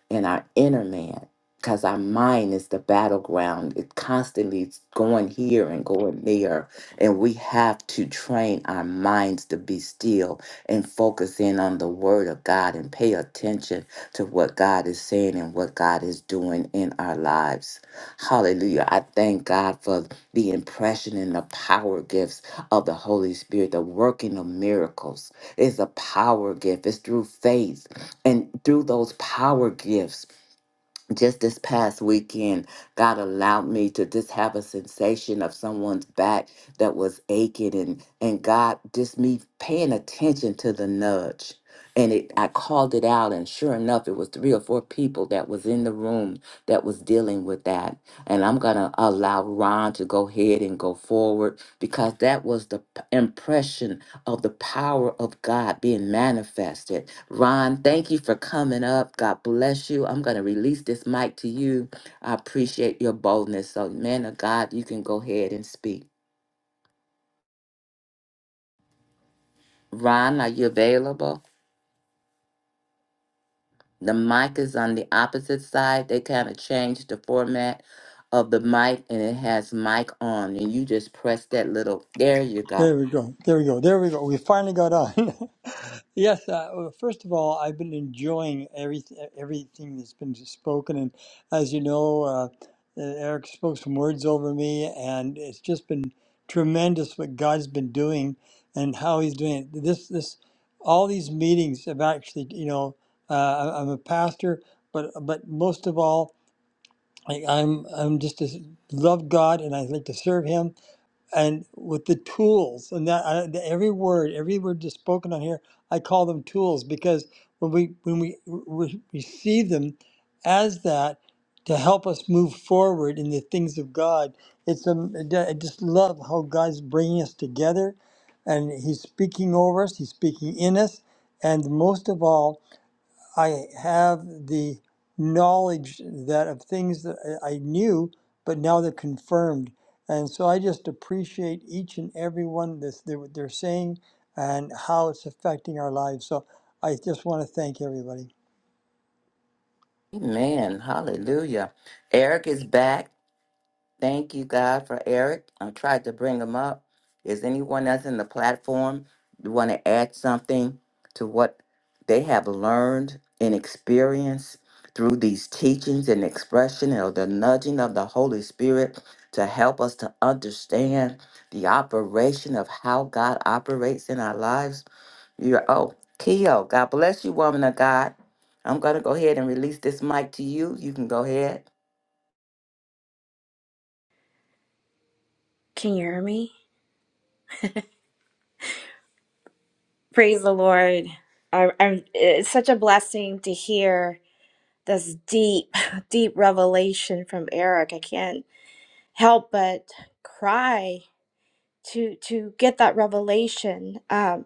in our inner man, because our mind is the battleground. It constantly is going here and going there, and we have to train our minds to be still and focus in on the Word of God and pay attention to what God is saying and what God is doing in our lives. Hallelujah! I thank God for the impression and the power gifts of the Holy Spirit, the working of miracles is a power gift. It's through faith. And through those power gifts, just this past weekend, God allowed me to just have a sensation of someone's back that was aching, and and God just me paying attention to the nudge, and it I called it out, and sure enough, it was three or four people that was in the room that was dealing with that, and I'm gonna allow Ron to go ahead and go forward because that was the p- impression of the power of God being manifested. Ron, thank you for coming up. God bless you. I'm going to release this mic to you. I appreciate your boldness. So, man of God, you can go ahead and speak. Ron, are you available? The mic is on the opposite side. They kind of changed the format of the mic and it has mic on. And you just press that little, there you go.
There we go. There we go. There we go. We finally got on. yes. Uh, well, first of all, I've been enjoying every everything that's been spoken, and as you know, uh, Eric spoke some words over me, and it's just been tremendous what God's been doing and how He's doing it. This this all these meetings have actually, you know, uh, I- I'm a pastor, but but most of all, I, I'm I'm just a, love God, and I like to serve Him and with the tools and that I, the- every word every word just spoken on here i call them tools because when we when we re- receive them as that to help us move forward in the things of god it's um, i just love how god's bringing us together and he's speaking over us he's speaking in us and most of all I have the knowledge that of things that I knew, but now they're confirmed. And so I just appreciate each and every one that's they're, they're saying and how it's affecting our lives. So I just want to thank everybody.
Amen. Hallelujah. Eric is back. Thank you, God, for Eric. I tried to bring him up. Is anyone else in the platform want to add something to what they have learned and experienced through these teachings and expression or the nudging of the Holy Spirit to help us to understand the operation of how God operates in our lives? You're, oh, Keo, God bless you, woman of God. I'm going to go ahead and release this mic to you. You can go ahead.
Can you hear me? Praise the Lord. I, I'm, it's such a blessing to hear this deep, deep revelation from Eric. I can't help but cry to to get that revelation um,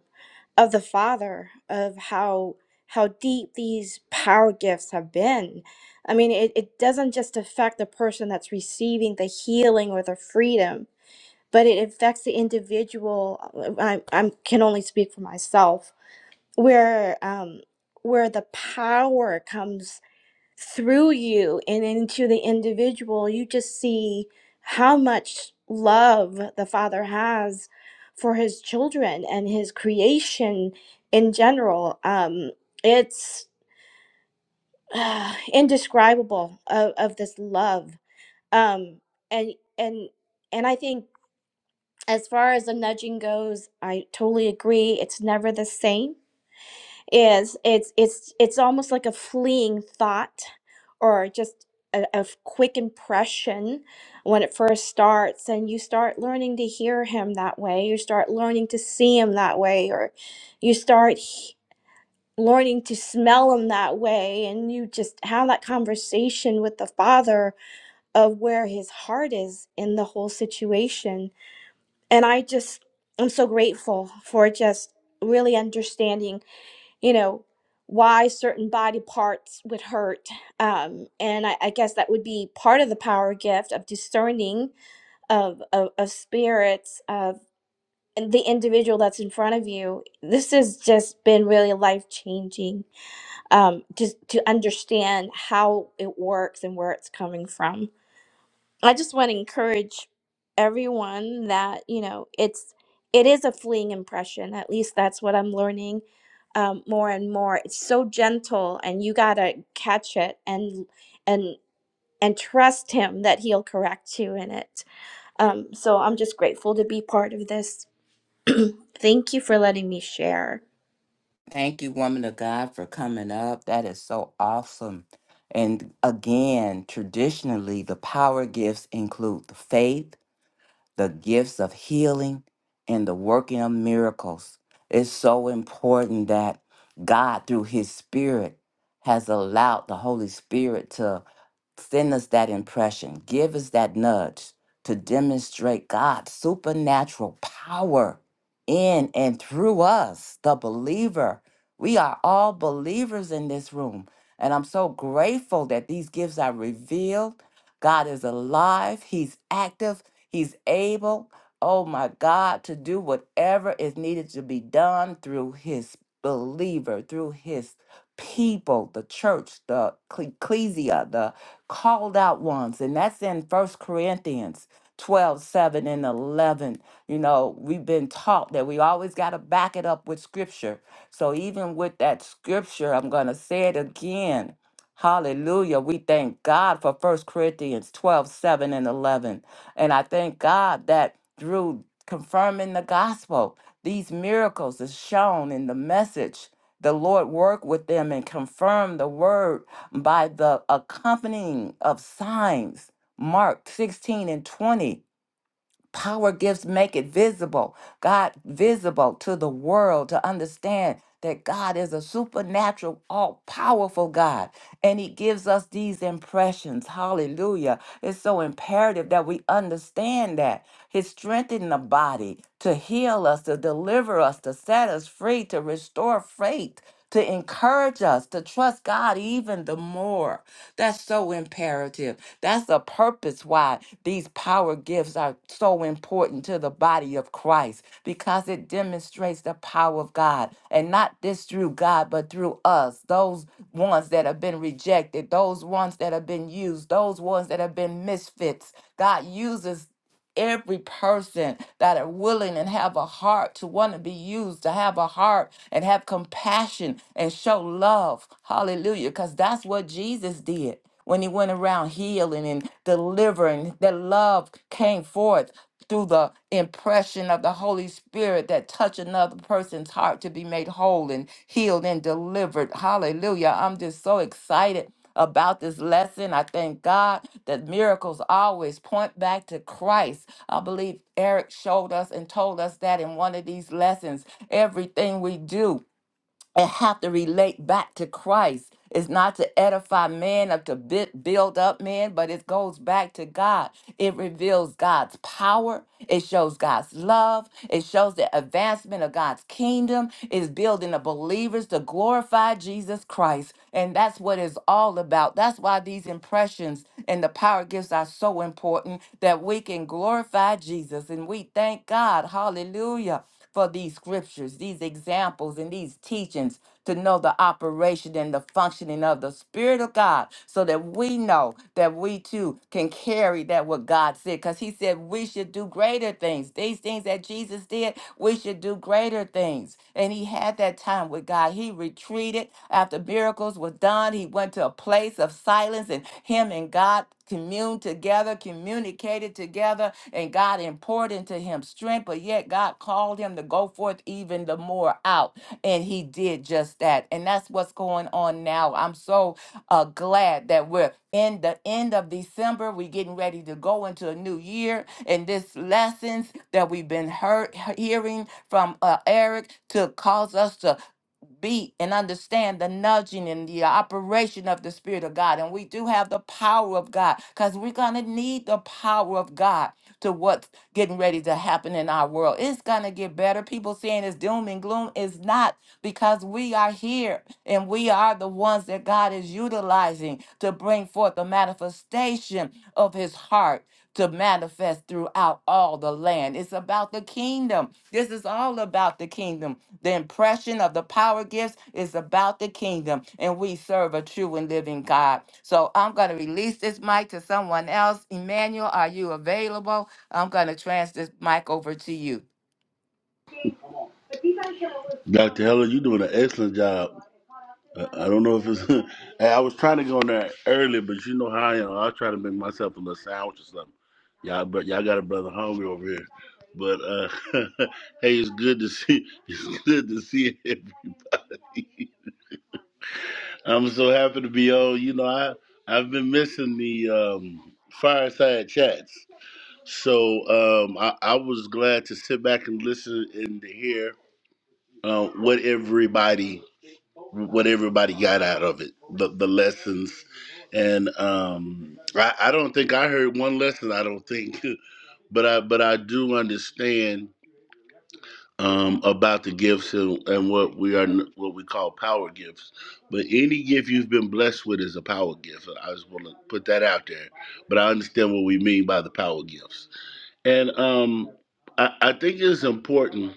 of the Father of how how deep these power gifts have been. I mean, it, it doesn't just affect the person that's receiving the healing or the freedom, but it affects the individual. I, I can only speak for myself where um where the power comes through you and into the individual you just see how much love the father has for his children and his creation in general um it's uh, indescribable of, of this love um and and and i think as far as the nudging goes i totally agree it's never the same is it's it's it's almost like a fleeing thought or just a, a f- quick impression when it first starts and you start learning to hear him that way you start learning to see him that way or you start he- learning to smell him that way and you just have that conversation with the father of where his heart is in the whole situation and i just i'm so grateful for just really understanding you know why certain body parts would hurt um and I, I guess that would be part of the power gift of discerning of of, of spirits of the individual that's in front of you this has just been really life changing um just to understand how it works and where it's coming from I just want to encourage everyone that you know it's it is a fleeing impression. At least that's what I'm learning um, more and more. It's so gentle, and you gotta catch it and and and trust him that he'll correct you in it. Um, so I'm just grateful to be part of this. Thank you for letting me share.
Thank you, woman of God, for coming up. That is so awesome. And again, traditionally, the power gifts include the faith, the gifts of healing and the working of miracles. It's so important that God, through His Spirit, has allowed the Holy Spirit to send us that impression, give us that nudge to demonstrate God's supernatural power in and through us, the believer. We are all believers in this room. And I'm so grateful that these gifts are revealed. God is alive, He's active, He's able, oh my God, to do whatever is needed to be done through his believer, through his people, the church, the cle- ecclesia, the called out ones. And that's in First Corinthians 12, 7, and 11. You know, we've been taught that we always got to back it up with scripture. So even with that scripture, I'm going to say it again Hallelujah. We thank God for First Corinthians 12, 7, and 11. And I thank God that through confirming the gospel, these miracles is shown in the message. The Lord worked with them and confirmed the word by the accompanying of signs. Mark 16 and 20. Power gifts make it visible, God, visible to the world to understand that God is a supernatural, all powerful God. And He gives us these impressions. Hallelujah. It's so imperative that we understand that. His strength in the body to heal us, to deliver us, to set us free, to restore faith. To encourage encourage us to trust God even the more. That's so imperative. That's the purpose why these power gifts are so important to the body of Christ because it demonstrates the power of God and not just through God, but through us, those ones that have been rejected, those ones that have been used, those ones that have been misfits. God uses every person that are willing and have a heart to want to be used, to have a heart and have compassion and show love. Hallelujah. Because that's what Jesus did when he went around healing and delivering. That love came forth through the impression of the Holy Spirit that touched another person's heart to be made whole and healed and delivered. Hallelujah. I'm just so excited about this lesson. I thank God that miracles always point back to Christ. I believe Eric showed us and told us that in one of these lessons. Everything we do, and have to relate back to Christ. It's not to edify man or to bu- build up man, but it goes back to God. It reveals God's power. It shows God's love. It shows the advancement of God's kingdom. It's building the believers to glorify Jesus Christ. And that's what it's all about. That's why these impressions and the power gifts are so important that we can glorify Jesus. And we thank God. Hallelujah for these scriptures, these examples, and these teachings to know the operation and the functioning of the Spirit of God so that we know that we too can carry that what God said. Because He said we should do greater things. These things that Jesus did, we should do greater things things. And he had that time with God. He retreated after miracles were done. He went to a place of silence and him and God communed together, communicated together, and God poured into him strength. But yet God called him to go forth even the more out. And he did just that. And that's what's going on now. I'm so uh, glad that we're in the end of December. We're getting ready to go into a new year. And this lessons that we've been heard, hearing from uh, Eric to cause us to be and understand the nudging and the operation of the Spirit of God. And we do have the power of God because we're going to need the power of God to what's getting ready to happen in our world. It's going to get better. People saying it's doom and gloom is not because we are here and we are the ones that God is utilizing to bring forth the manifestation of his heart to manifest throughout all the land. It's about the kingdom. This is all about the kingdom. The impression of the power gifts is about the kingdom, and we serve a true and living God. So I'm going to release this mic to someone else. Emmanuel, are you available? I'm going to transfer this mic over to you.
Dr. Heller, you're doing an excellent job. I I don't know if it's. hey, I was trying to go in there early, but you know how I am. I'll try to make myself a little sandwich or something. Y'all, but y'all got a brother hungry over here. But uh, hey, it's good to see. It's good to see it. I'm so happy to be on. You know, I I've been missing the um, fireside chats, so um, I, I was glad to sit back and listen and to hear uh, what everybody what everybody got out of it, the the lessons, and um, I, I don't think I heard one lesson. I don't think, but I but I do understand um, about the gifts and, and what we are what we call power gifts. But any gift you've been blessed with is a power gift. I just want to put that out there. But I understand what we mean by the power gifts, and um, I, I think it's important.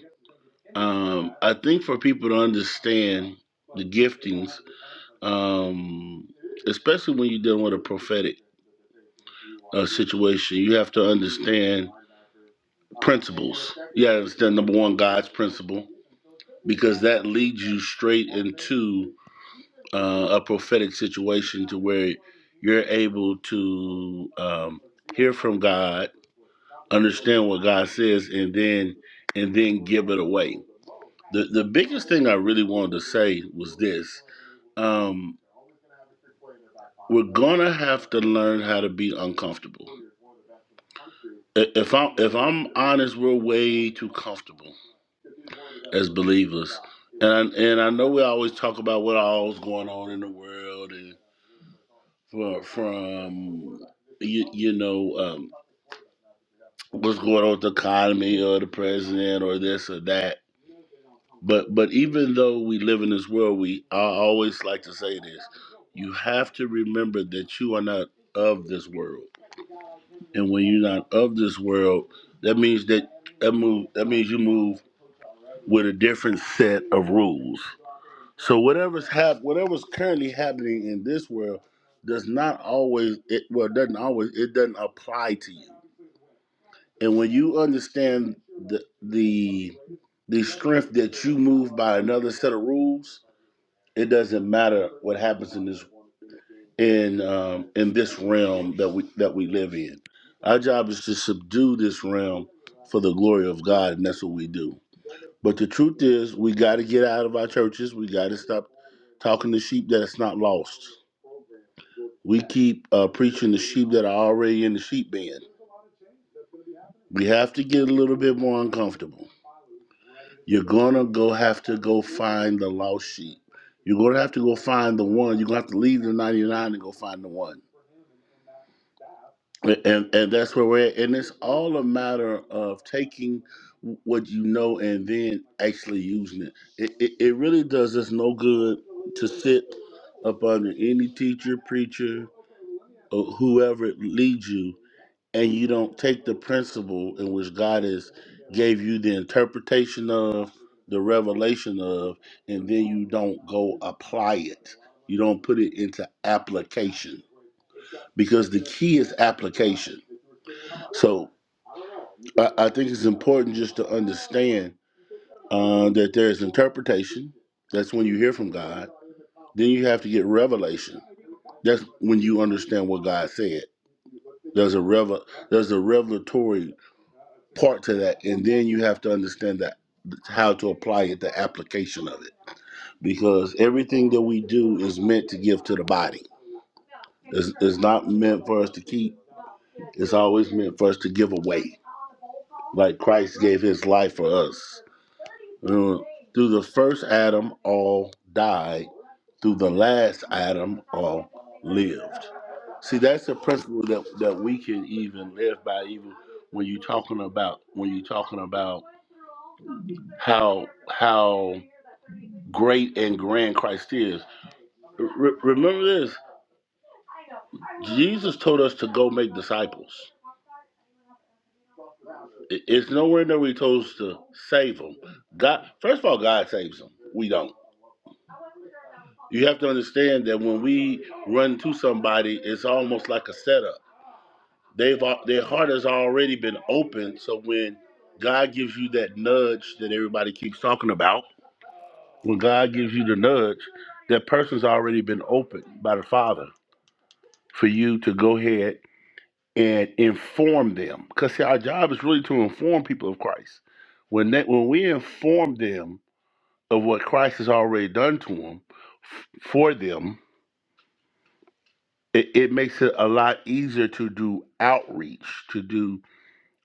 Um, I think for people to understand the giftings um, especially when you're dealing with a prophetic uh, situation, you have to understand principles. You have to understand number one, God's principle, because that leads you straight into uh, a prophetic situation to where you're able to um, hear from God, understand what God says, and then and then give it away. The the biggest thing I really wanted to say was this: um, we're gonna have to learn how to be uncomfortable I- if I'm if I'm honest, we're way too comfortable as believers, and I, and I know we always talk about what all's going on in the world and from, from you you know um, what's going on with the economy or the president or this or that. But but even though we live in this world, we I always like to say this: you have to remember that you are not of this world, and when you're not of this world, that means that that move that means you move with a different set of rules. So whatever's hap- whatever's currently happening in this world does not always it well it doesn't always it doesn't apply to you. And when you understand the the the strength that you move by another set of rules, it doesn't matter what happens in this in um, in this realm that we that we live in. Our job is to subdue this realm for the glory of God, and that's what we do. But the truth is, we got to get out of our churches. We got to stop talking to sheep that is not lost. We keep uh, preaching to sheep that are already in the sheep pen. We have to get a little bit more uncomfortable. You're gonna go have to go find the lost sheep. You're gonna have to go find the one. You're gonna have to leave the 99 and go find the one. and and that's where we're at. and it's all a matter of taking what you know and then actually using it. It it, it really does us no good to sit up under any teacher, preacher, or whoever leads you, and you don't take the principle in which God has gave you the interpretation of, the revelation of, and then you don't go apply it. You don't put it into application because the key is application. So. I, I think it's important just to understand uh, that there is interpretation. That's when you hear from God. Then you have to get revelation. That's when you understand what God said. There's a revel, there's a revelatory part to that, and then you have to understand that how to apply it, the application of it, because everything that we do is meant to give to the body. It's, it's not meant for us to keep. It's always meant for us to give away. Like Christ gave His life for us. Through the first Adam, all died. Through the last Adam, all lived. See, that's a principle that, that we can even live by, even when you're talking about when you're talking about how how great and grand Christ is. Re- remember this: Jesus told us to go make disciples. It- It's nowhere in there where he told us to save them. God, first of all, God saves them. We don't. You have to understand that when we run to somebody, it's almost like a setup. They've their heart has already been open. So when God gives you that nudge that everybody keeps talking about, when God gives you the nudge, that person's already been opened by the Father for you to go ahead and inform them. Because see, our job is really to inform people of Christ. When that when we inform them of what Christ has already done to them, for them, it, it makes it a lot easier to do outreach to do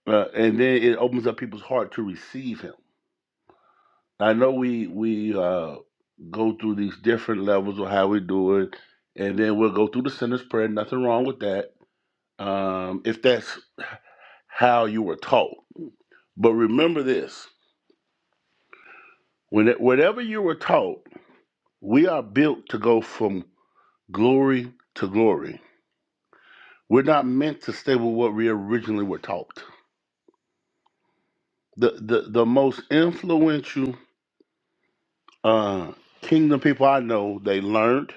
uh, and then it opens up people's heart to receive him i know we we uh, go through these different levels of how we do it and then we'll go through the sinner's prayer nothing wrong with that um, if that's how you were taught but remember this when it, whatever you were taught we are built to go from glory to glory we're not meant to stay with what we originally were taught the the, the most influential uh, kingdom people I know, they learned,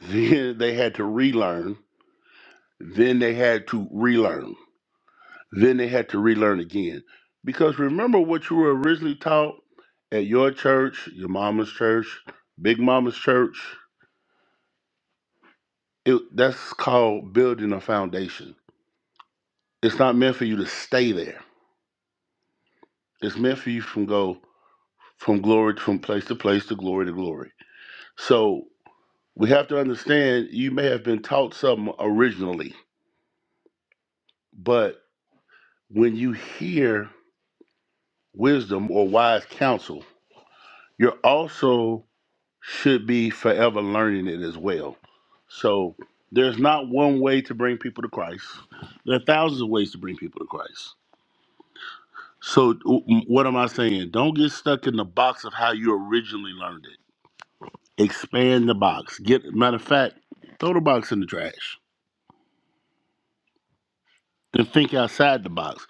then they had to relearn, then they had to relearn, then they had to relearn again. Because remember what you were originally taught at your church, your mama's church, big mama's church. It, that's called building a foundation. It's not meant for you to stay there. It's meant for you from go from glory from place to place to glory to glory. So We have to understand you may have been taught something originally, but when you hear wisdom or wise counsel, you're also should be forever learning it as well. So there's not one way to bring people to Christ. There are thousands of ways to bring people to Christ. So w- what am I saying? Don't get stuck in the box of how you originally learned it. Expand the box. Get matter of fact, throw the box in the trash. and think outside the box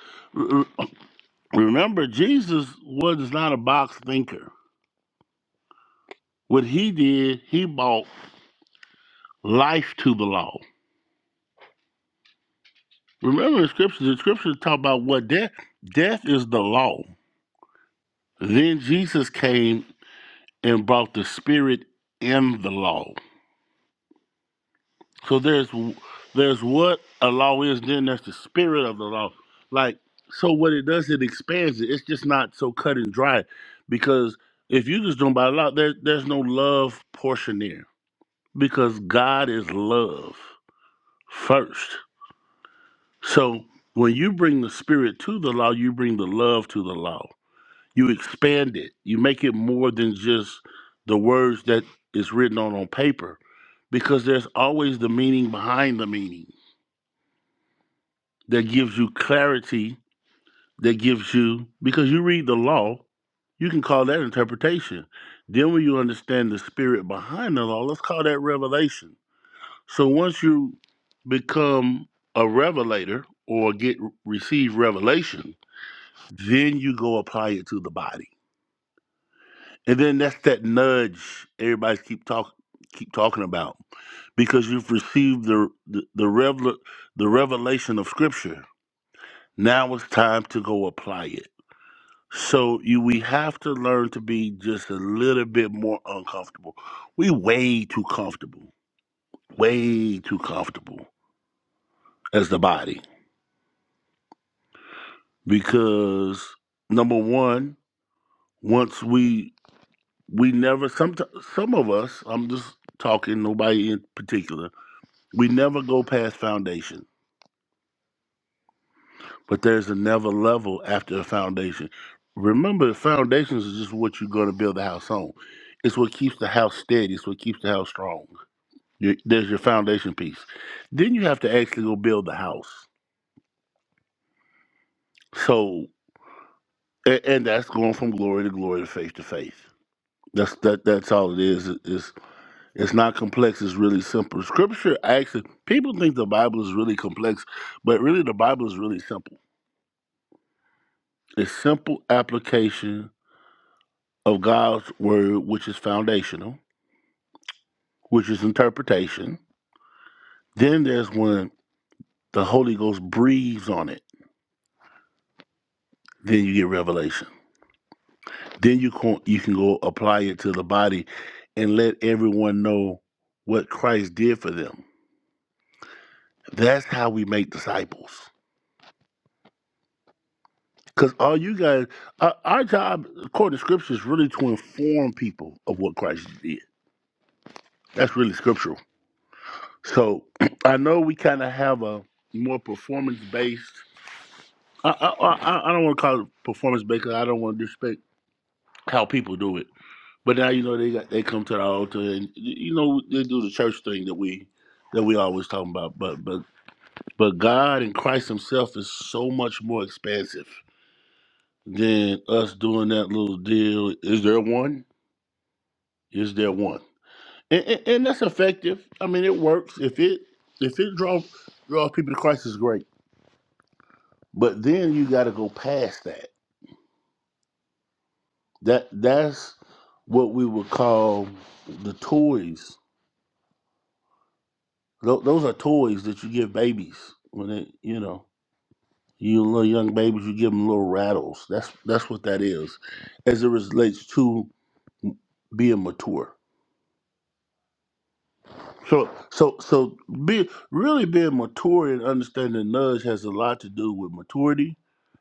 Remember, Jesus was not a box thinker. What he did, he brought life to the law. Remember the scriptures, the scriptures talk about what death death is the law. Then Jesus came and brought the spirit in the law. So there's there's what a law is, then there's the spirit of the law. Like so what it does, it expands it. It's just not so cut and dry. Because if you just don't buy a lot, there, there's no love portion there because God is love first. So when you bring the spirit to the law, you bring the love to the law. You expand it. You make it more than just the words that is written on on paper because there's always the meaning behind the meaning that gives you clarity, that gives you because you read the law, you can call that interpretation. Then when you understand the spirit behind the law, let's call that revelation So once you become a revelator or get receive revelation, then you go apply it to the body. And then that's that nudge everybody's keep talk keep talking about because you've received the the, the revel the revelation of scripture. Now it's time to go apply it. So you we have to learn to be just a little bit more uncomfortable. We way too comfortable. Way too comfortable as the body. because number one, once we we never some some of us, I'm just talking nobody in particular, we never go past foundation, but there's another level after a foundation. Remember, foundations is just what you're going to build the house on. It's what keeps the house steady. It's what keeps the house strong. Your, there's your foundation piece. Then you have to actually go build the house. So, and, and that's going from glory to glory to faith to faith. That's that. That's all it is. Is It's not complex, it's really simple. Scripture actually, people think the Bible is really complex, but really the Bible is really simple. It's simple application of God's word, which is foundational, which is interpretation. Then there's when the Holy Ghost breathes on it, then you get revelation. Then you can, you can go apply it to the body and let everyone know what Christ did for them. That's how we make disciples. Because all you guys, our, our job, according to scripture, is really to inform people of what Christ did. That's really scriptural. So I know we kind of have a more performance based. I, I, I I don't want to call it performance based 'cause I don't want to disrespect how people do it. But now you know they got they come to the altar and you know they do the church thing that we that we always talking about. But but but God and Christ Himself is so much more expansive than us doing that little deal. Is there one? Is there one? And, and, and that's effective. I mean, it works. If it if it draw draws people to Christ is great. But then you got to go past that. That that's what we would call the toys. Tho- Those are toys that you give babies when they, you know, you little young babies. You give them little rattles. That's that's what that is, as it relates to being mature. So, so, so, be really being mature and understanding nudge has a lot to do with maturity,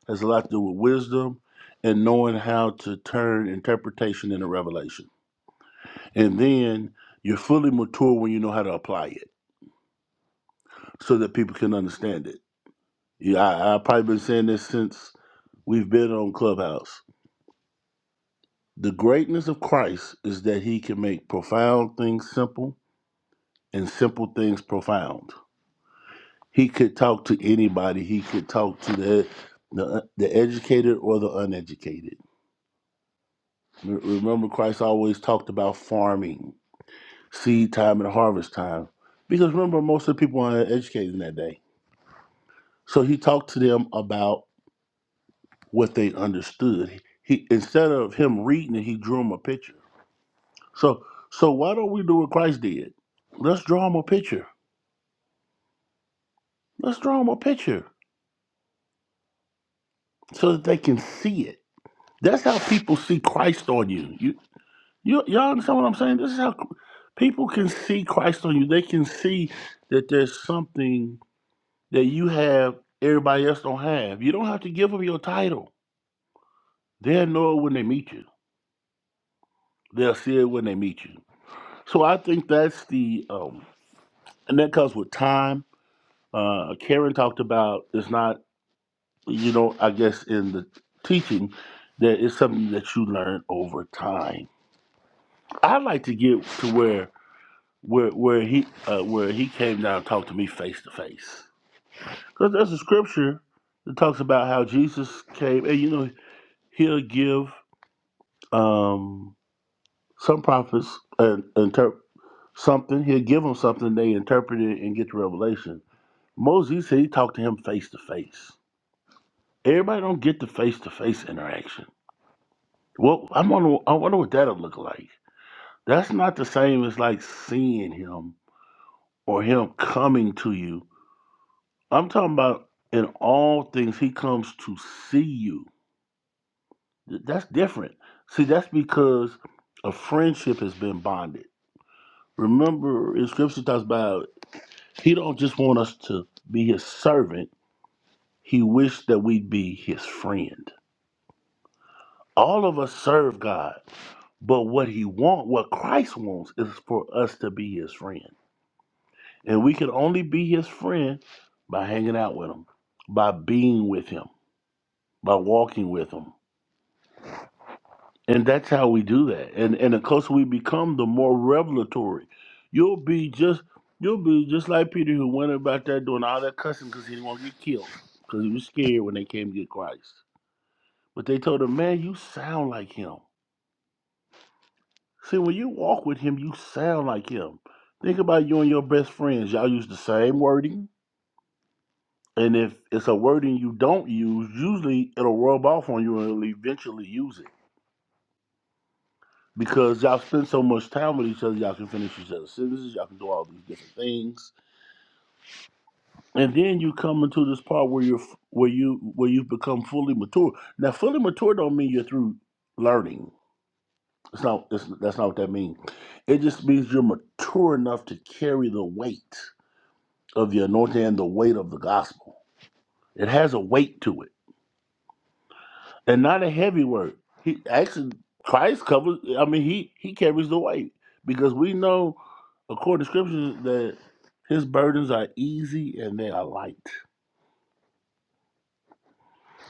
has a lot to do with wisdom, and knowing how to turn interpretation into revelation. And then you're fully mature when you know how to apply it, so that people can understand it. Yeah, I, I've probably been saying this since we've been on Clubhouse. The greatness of Christ is that He can make profound things simple and simple things profound. He could talk to anybody. He could talk to the the, uh, the educated or the uneducated. Re- Remember, Christ always talked about farming, seed time, and harvest time. Because remember, most of the people were uneducated in that day. So he talked to them about what they understood. He instead of him reading it, he drew them a picture. So so why don't we do what Christ did? Let's draw them a picture. Let's draw them a picture so that they can see it. That's how people see Christ on you. You You y'all understand what I'm saying? This is how cr- people can see Christ on you. They can see that there's something that you have everybody else don't have. You don't have to give them your title. They'll know it when they meet you. They'll see it when they meet you. So I think that's the um, and that comes with time. Uh, Karen talked about it's not you know I guess in the teaching that it's something that you learn over time. I like to get to where where where he uh, where he came down and talked to me face to face. Because there's a scripture that talks about how Jesus came, and you know he'll give um, some prophets an interp- something. He'll give them something they interpret it and get the revelation. Moses he said he talked to him face to face. Everybody don't get the face to face interaction. Well, I wonder I wonder what that'll look like. That's not the same as like seeing him or him coming to you I'm talking about in all things he comes to see you. Th- That's different. See, that's because a friendship has been bonded. Remember, in scripture talks about he don't just want us to be his servant. He wished that we'd be his friend. All of us serve God, but what he want, what Christ wants, is for us to be his friend. And we can only be his friend by hanging out with him, by being with him, by walking with him. And that's how we do that. And and the closer we become, the more revelatory. You'll be just you'll be just like Peter who went about there doing all that cussing because he didn't want to get killed. Because he was scared when they came to get Christ. But they told him, Man, you sound like him. See, when you walk with him, you sound like him. Think about you and your best friends. Y'all use the same wording. And if it's a wording you don't use, usually it'll rub off on you and you'll eventually use it. because y'all spend so much time with each other, y'all can finish each other's sentences, y'all can do all these different things, and then you come into this part where you're where you where you've become fully mature. Now, fully mature don't mean you're through learning. It's not. It's, that's not what that means. It just means you're mature enough to carry the weight of the anointing and the weight of the gospel. It has a weight to it and not a heavy word. He actually Christ covers. I mean, he he carries the weight because we know, according to Scripture, that his burdens are easy and they are light.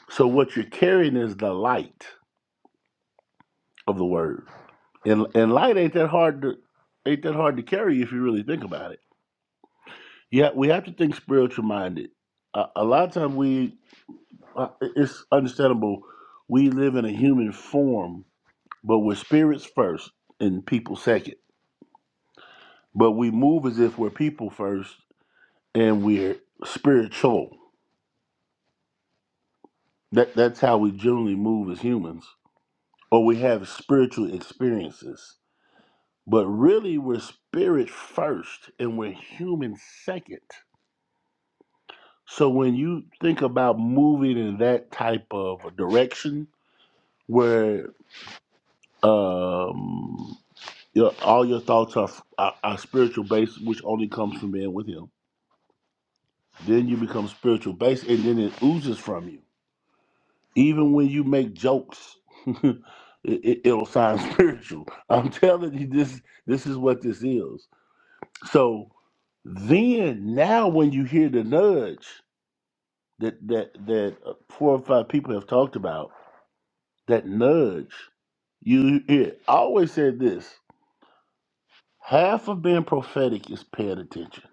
So what you're carrying is the light of the word, and and light ain't that hard to ain't that hard to carry if you really think about it. Yeah, we have to think spiritual minded. A, a lot of times we uh, it's understandable. We live in a human form, but we're spirits first and people second but we move as if we're people first and we're spiritual. That that's how we generally move as humans, or we have spiritual experiences. But really, we're spirit first and we're human second. So when you think about moving in that type of a direction where um, your, all your thoughts are, are are spiritual based, which only comes from being with Him, then you become spiritual based, and then it oozes from you Even when you make jokes, it, it, it'll sound spiritual. I'm telling you, this this is what this is. So then, now, when you hear the nudge that that that uh, four or five people have talked about, that nudge, you hear. I always said this: half of being prophetic is paying attention.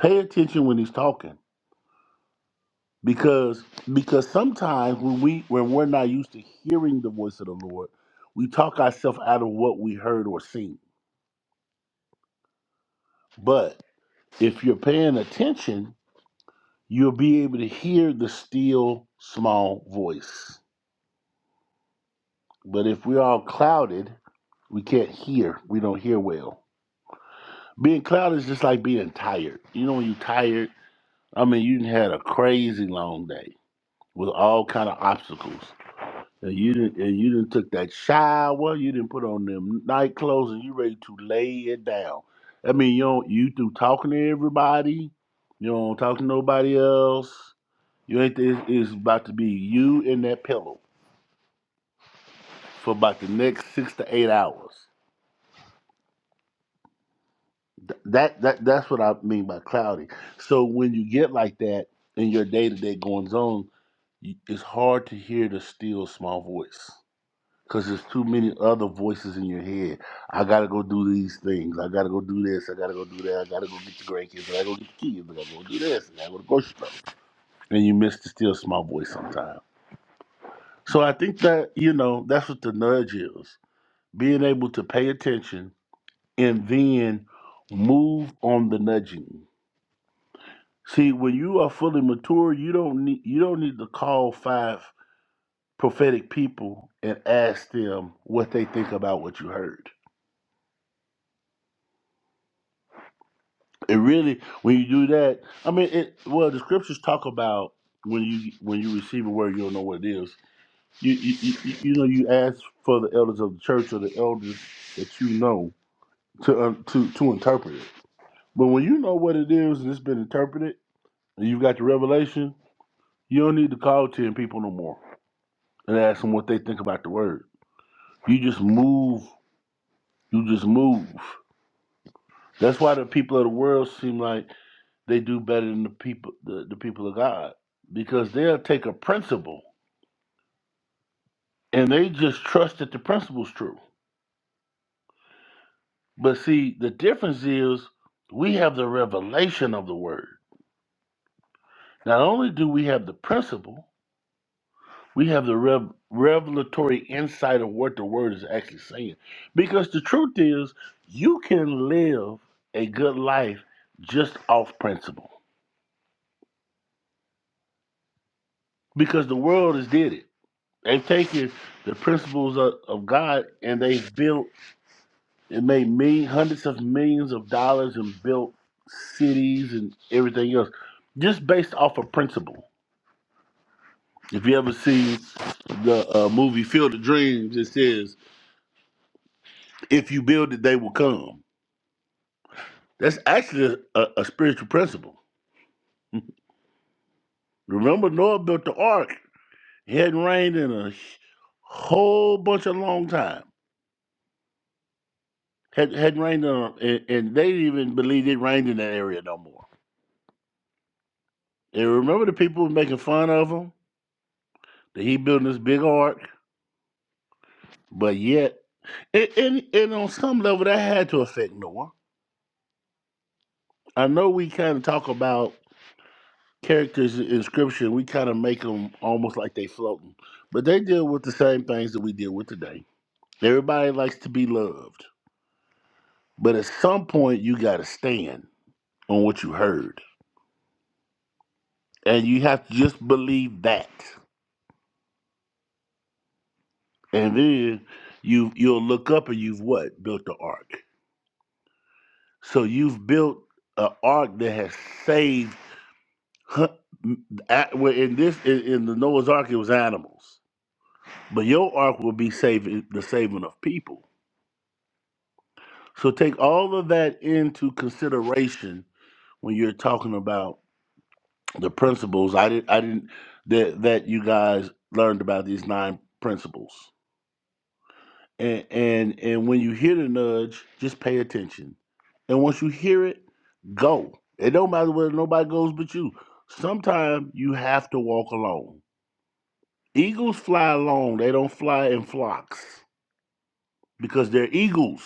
Pay attention when he's talking because because sometimes when we when we're not used to hearing the voice of the Lord, we talk ourselves out of what we heard or seen. But if you're paying attention, you'll be able to hear the still small voice. But if we're all clouded, we can't hear. We don't hear well. Being clouded is just like being tired. You know when you're tired, I mean you done had a crazy long day with all kind of obstacles. And you didn't and you didn't took that shower, you didn't put on them night clothes and you ready to lay it down. I mean you don't you through talking to everybody, you don't talk to nobody else. You ain't it's, it's about to be you in that pillow for about the next six to eight hours. Th- That that that's what I mean by cloudy. So when you get like that in your day to day goings on, you- it's hard to hear the still small voice. Cause there's too many other voices in your head. I gotta go do these things. I gotta go do this. I gotta go do that. I gotta go get the grandkids. I gotta go get the kids. I gotta go do this. I gotta go to the grocery store. And you miss the still small voice sometimes. So I think that you know that's what the nudge is: being able to pay attention and then move on the nudging. See, when you are fully mature, you don't need you don't need to call five prophetic people and ask them what they think about what you heard it really when you do that i mean it well the scriptures talk about when you when you receive a word you don't know what it is you you, you, you you know you ask for the elders of the church or the elders that you know to um, to to interpret it but when you know what it is and it's been interpreted and you've got the revelation you don't need to call 10 people no more and ask them what they think about the word you just move you just move that's why the people of the world seem like they do better than the people the, the people of God because they'll take a principle and they just trust that the principle's true. But see, the difference is we have the revelation of the word. Not only do we have the principle, we have the rev- revelatory insight of what the word is actually saying. Because the truth is, you can live a good life just off principle. Because the world has did it. They've taken the principles of, of God and they've built It made me hundreds of millions of dollars and built cities and everything else, just based off of principle. If you ever see the uh, movie Field of Dreams, it says, "If you build it, they will come." That's actually a, a spiritual principle. Remember, Noah built the ark. It hadn't rained in a sh- whole bunch of long time. Had hadn't rained in, a, and, and they didn't even believed it rained in that area no more. And remember, the people were making fun of him that he built this big ark But yet, and, and, and on some level, that had to affect Noah. I know we kind of talk about characters in Scripture, we kind of make them almost like they floating, but they deal with the same things that we deal with today. Everybody likes to be loved, but at some point, you got to stand on what you heard, and you have to just believe that, and then you you'll look up and you've what built the ark. So you've built an ark that has saved Huh, at- well, in this in, in the Noah's Ark it was animals, but your ark will be saving the saving of people. So take all of that into consideration when you're talking about the principles. I didn't I didn't that that you guys learned about these nine principles. And and and when you hear the nudge, just pay attention. And once you hear it, go. It don't matter whether nobody goes but you. Sometimes you have to walk alone Eagles fly alone. They don't fly in flocks because they're eagles.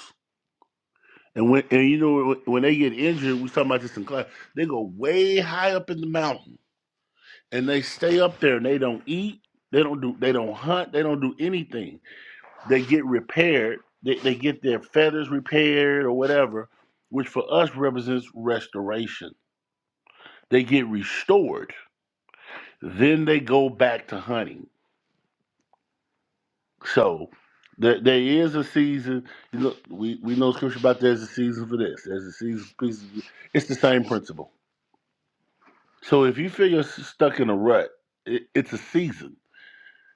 And when and you know when they get injured, we talking about this in class. They go way high up in the mountain and they stay up there and they don't eat. They don't do. They don't hunt. They don't do anything. They get repaired. They, they get their feathers repaired or whatever, which for us represents restoration. They get restored. Then they go back to hunting So there, there is a season. You look, we, we know scripture about there's a season for this. There's a season for pieces. It's the same principle. So if you feel you're s- stuck in a rut, it, it's a season.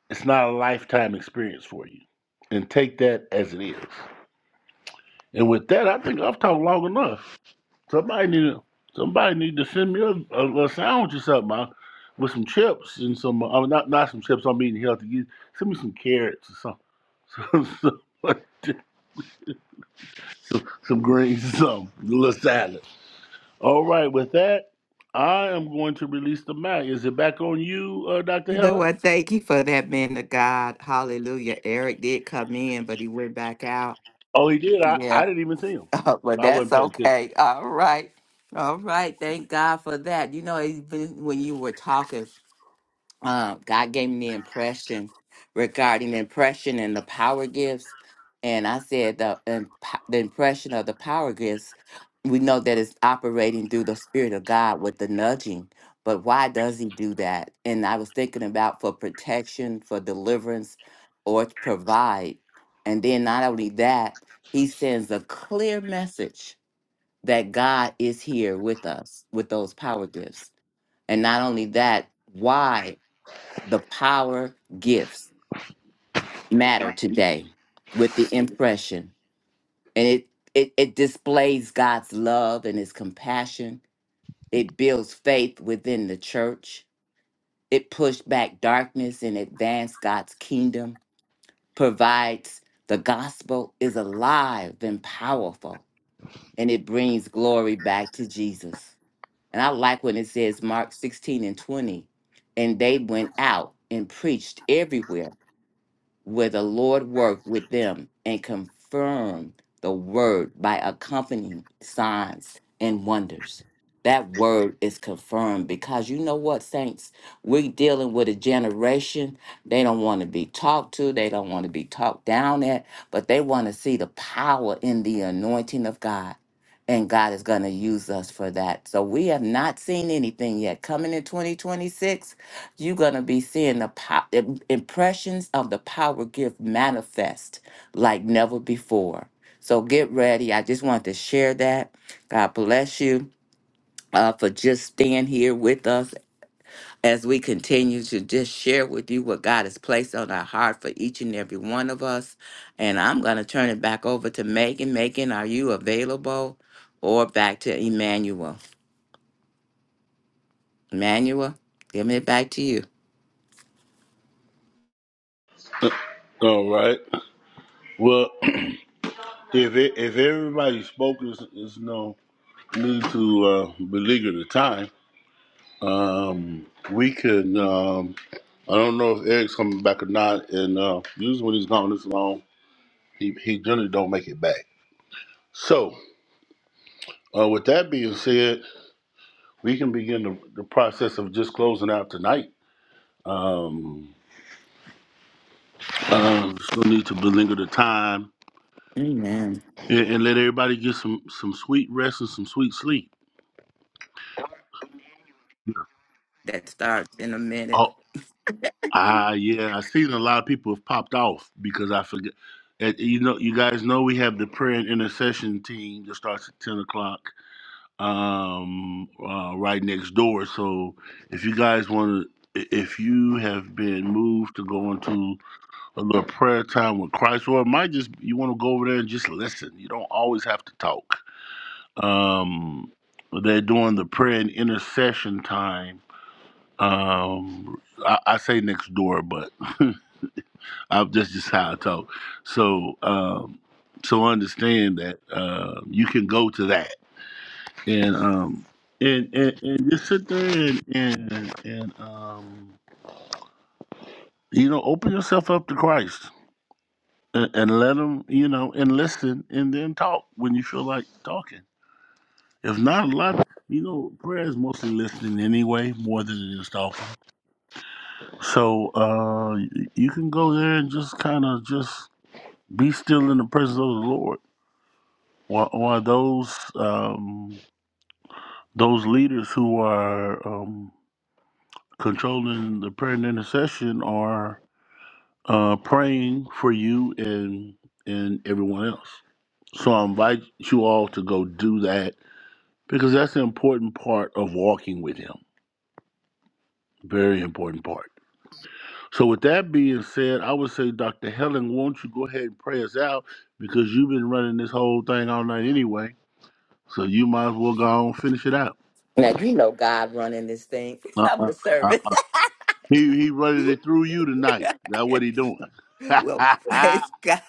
It's not a lifetime experience for you. And take that as it is. And with that, I think I've talked long enough. Somebody need to, somebody need to send me a, a, a sandwich or something I, with some chips and some. uh, I mean, not not some chips. I'm eating healthy. You send me some carrots or something. So, some, some greens and some a little salad. All right, with that, I am going to release the mic. Is it back on you, uh, Dr.
You know
Heather?
what? Thank you for that, man of God. Hallelujah. Eric did come in, but he went back out.
Oh, he did. I, I didn't even see him.
Oh, but
I
that's
wasn't paying attention.
okay. All right. All right. Thank God for that. You know, even when you were talking uh, God gave me the impression regarding impression and the power gifts. And I said the, imp- the impression of the power gifts, we know that it's operating through the Spirit of God with the nudging. But why does He do that? And I was thinking about for protection, for deliverance, or to provide. And then not only that, He sends a clear message that God is here with us with those power gifts. And not only that, why? the power gifts matter today with the impression and it it, it displays god's love and his compassion it builds faith within the church it pushed back darkness and advanced god's kingdom provides the gospel is alive and powerful and it brings glory back to jesus and i like when it says mark 16 and 20 and they went out and preached everywhere where the Lord worked with them and confirmed the word by accompanying signs and wonders. That word is confirmed because you know what, saints? We're dealing with a generation. They don't want to be talked to, they don't want to be talked down at, but they want to see the power in the anointing of God. And God is going to use us for that. So we have not seen anything yet. Coming in 2026, you're going to be seeing the po- im- impressions of the power gift manifest like never before. So get ready. I just wanted to share that. God bless you uh, for just being here with us as we continue to just share with you what God has placed on our heart for each and every one of us. And I'm going to turn it back over to Megan. Megan, are you available? Or back to Emmanuel. Emmanuel, giving it back to you.
All right. Well, if it, if everybody spoke, there's, there's no need to uh, beleaguer the time. Um, we could. Um, I don't know if Eric's coming back or not. And uh, usually when he's gone this long, he he generally don't make it back. So uh, with that being said, We can begin the, the process of just closing out tonight. Um, uh, just gonna need to belinger the time
Amen.
and, and let everybody get some some sweet rest and some sweet sleep.
That starts in a minute.
Oh, ah, yeah. I seen a lot of people have popped off because I forget. and you know, you guys know we have the prayer and intercession team that starts at ten o'clock, um, uh, right next door. So if you guys want to, if you have been moved to go into a little prayer time with Christ, or it might just you want to go over there and just listen. You don't always have to talk. Um, they're doing the prayer and intercession time. Um, I, I say next door, but I'm, that's just how I talk. So, um, so understand that uh, you can go to that and um, and, and and just sit there and and and um, you know open yourself up to Christ and, and let them, you know, and listen and then talk when you feel like talking. If not, a lot, you know, prayer is mostly listening anyway, more than it is talking. So uh, y- you can go there and just kind of just be still in the presence of the Lord. While, while those um, those leaders who are um, controlling the prayer and intercession are uh, praying for you and and everyone else. So I invite you all to go do that because that's an important part of walking with him. Very important part. So, with that being said, I would say, Dr. Helen, won't you go ahead and pray us out because you've been running this whole thing all night anyway. So, you might as well go on and finish it out.
Now you know God running this thing.
Uh-uh,
I'm a
uh uh,
servant.
He, he running it through you tonight. That's what he doing.
well, praise God.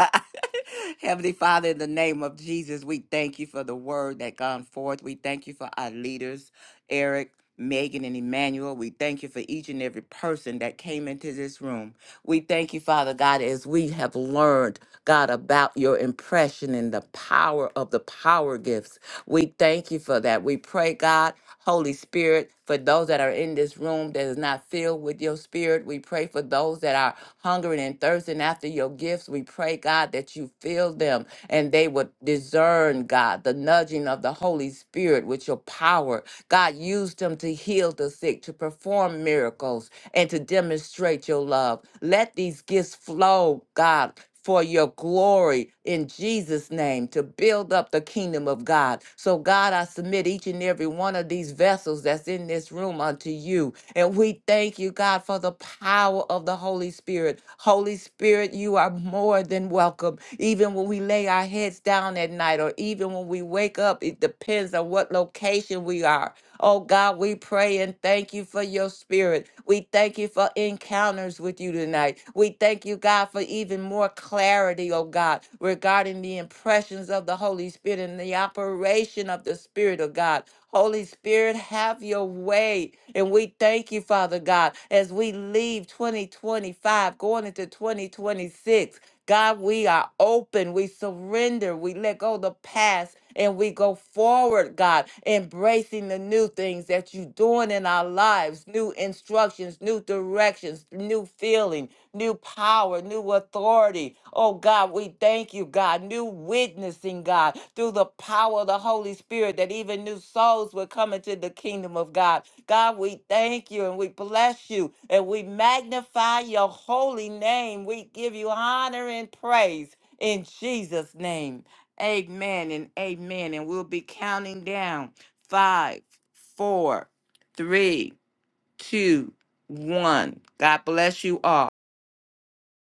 Heavenly Father, in the name of Jesus, we thank you for the word that gone forth. We thank you for our leaders, Eric, Megan, and Emmanuel. We thank you for each and every person that came into this room. We thank you, Father God, as we have learned, God, about your impression and the power of the power gifts. We thank you for that. We pray, God. Holy Spirit, for those that are in this room that is not filled with your spirit, we pray for those that are hungering and thirsting after your gifts. We pray, God, that you fill them and they would discern, God, the nudging of the Holy Spirit with your power. God, use them to heal the sick, to perform miracles, and to demonstrate your love. Let these gifts flow, God. For your glory in Jesus' name to build up the kingdom of God. So, God, I submit each and every one of these vessels that's in this room unto you. And we thank you, God, for the power of the Holy Spirit. Holy Spirit, you are more than welcome. Even when we lay our heads down at night or even when we wake up, it depends on what location we are. Oh God, we pray and thank you for your spirit. We thank you for encounters with you tonight. We thank you, God, for even more clarity, oh God, regarding the impressions of the Holy Spirit and the operation of the Spirit of God. Holy Spirit, have your way. And we thank you, Father God, as we leave 2025, going into 2026. God, we are open. We surrender. We let go of the past and we go forward, God, embracing the new things that you're doing in our lives new instructions, new directions, new feeling, new power, new authority. Oh, God, we thank you, God. New witnessing, God, through the power of the Holy Spirit, that even new souls will come into the kingdom of God. God, we thank you and we bless you and we magnify your holy name. We give you honor and praise in Jesus' name. Amen and amen. And we'll be counting down five, four, three, two, one. God bless you all.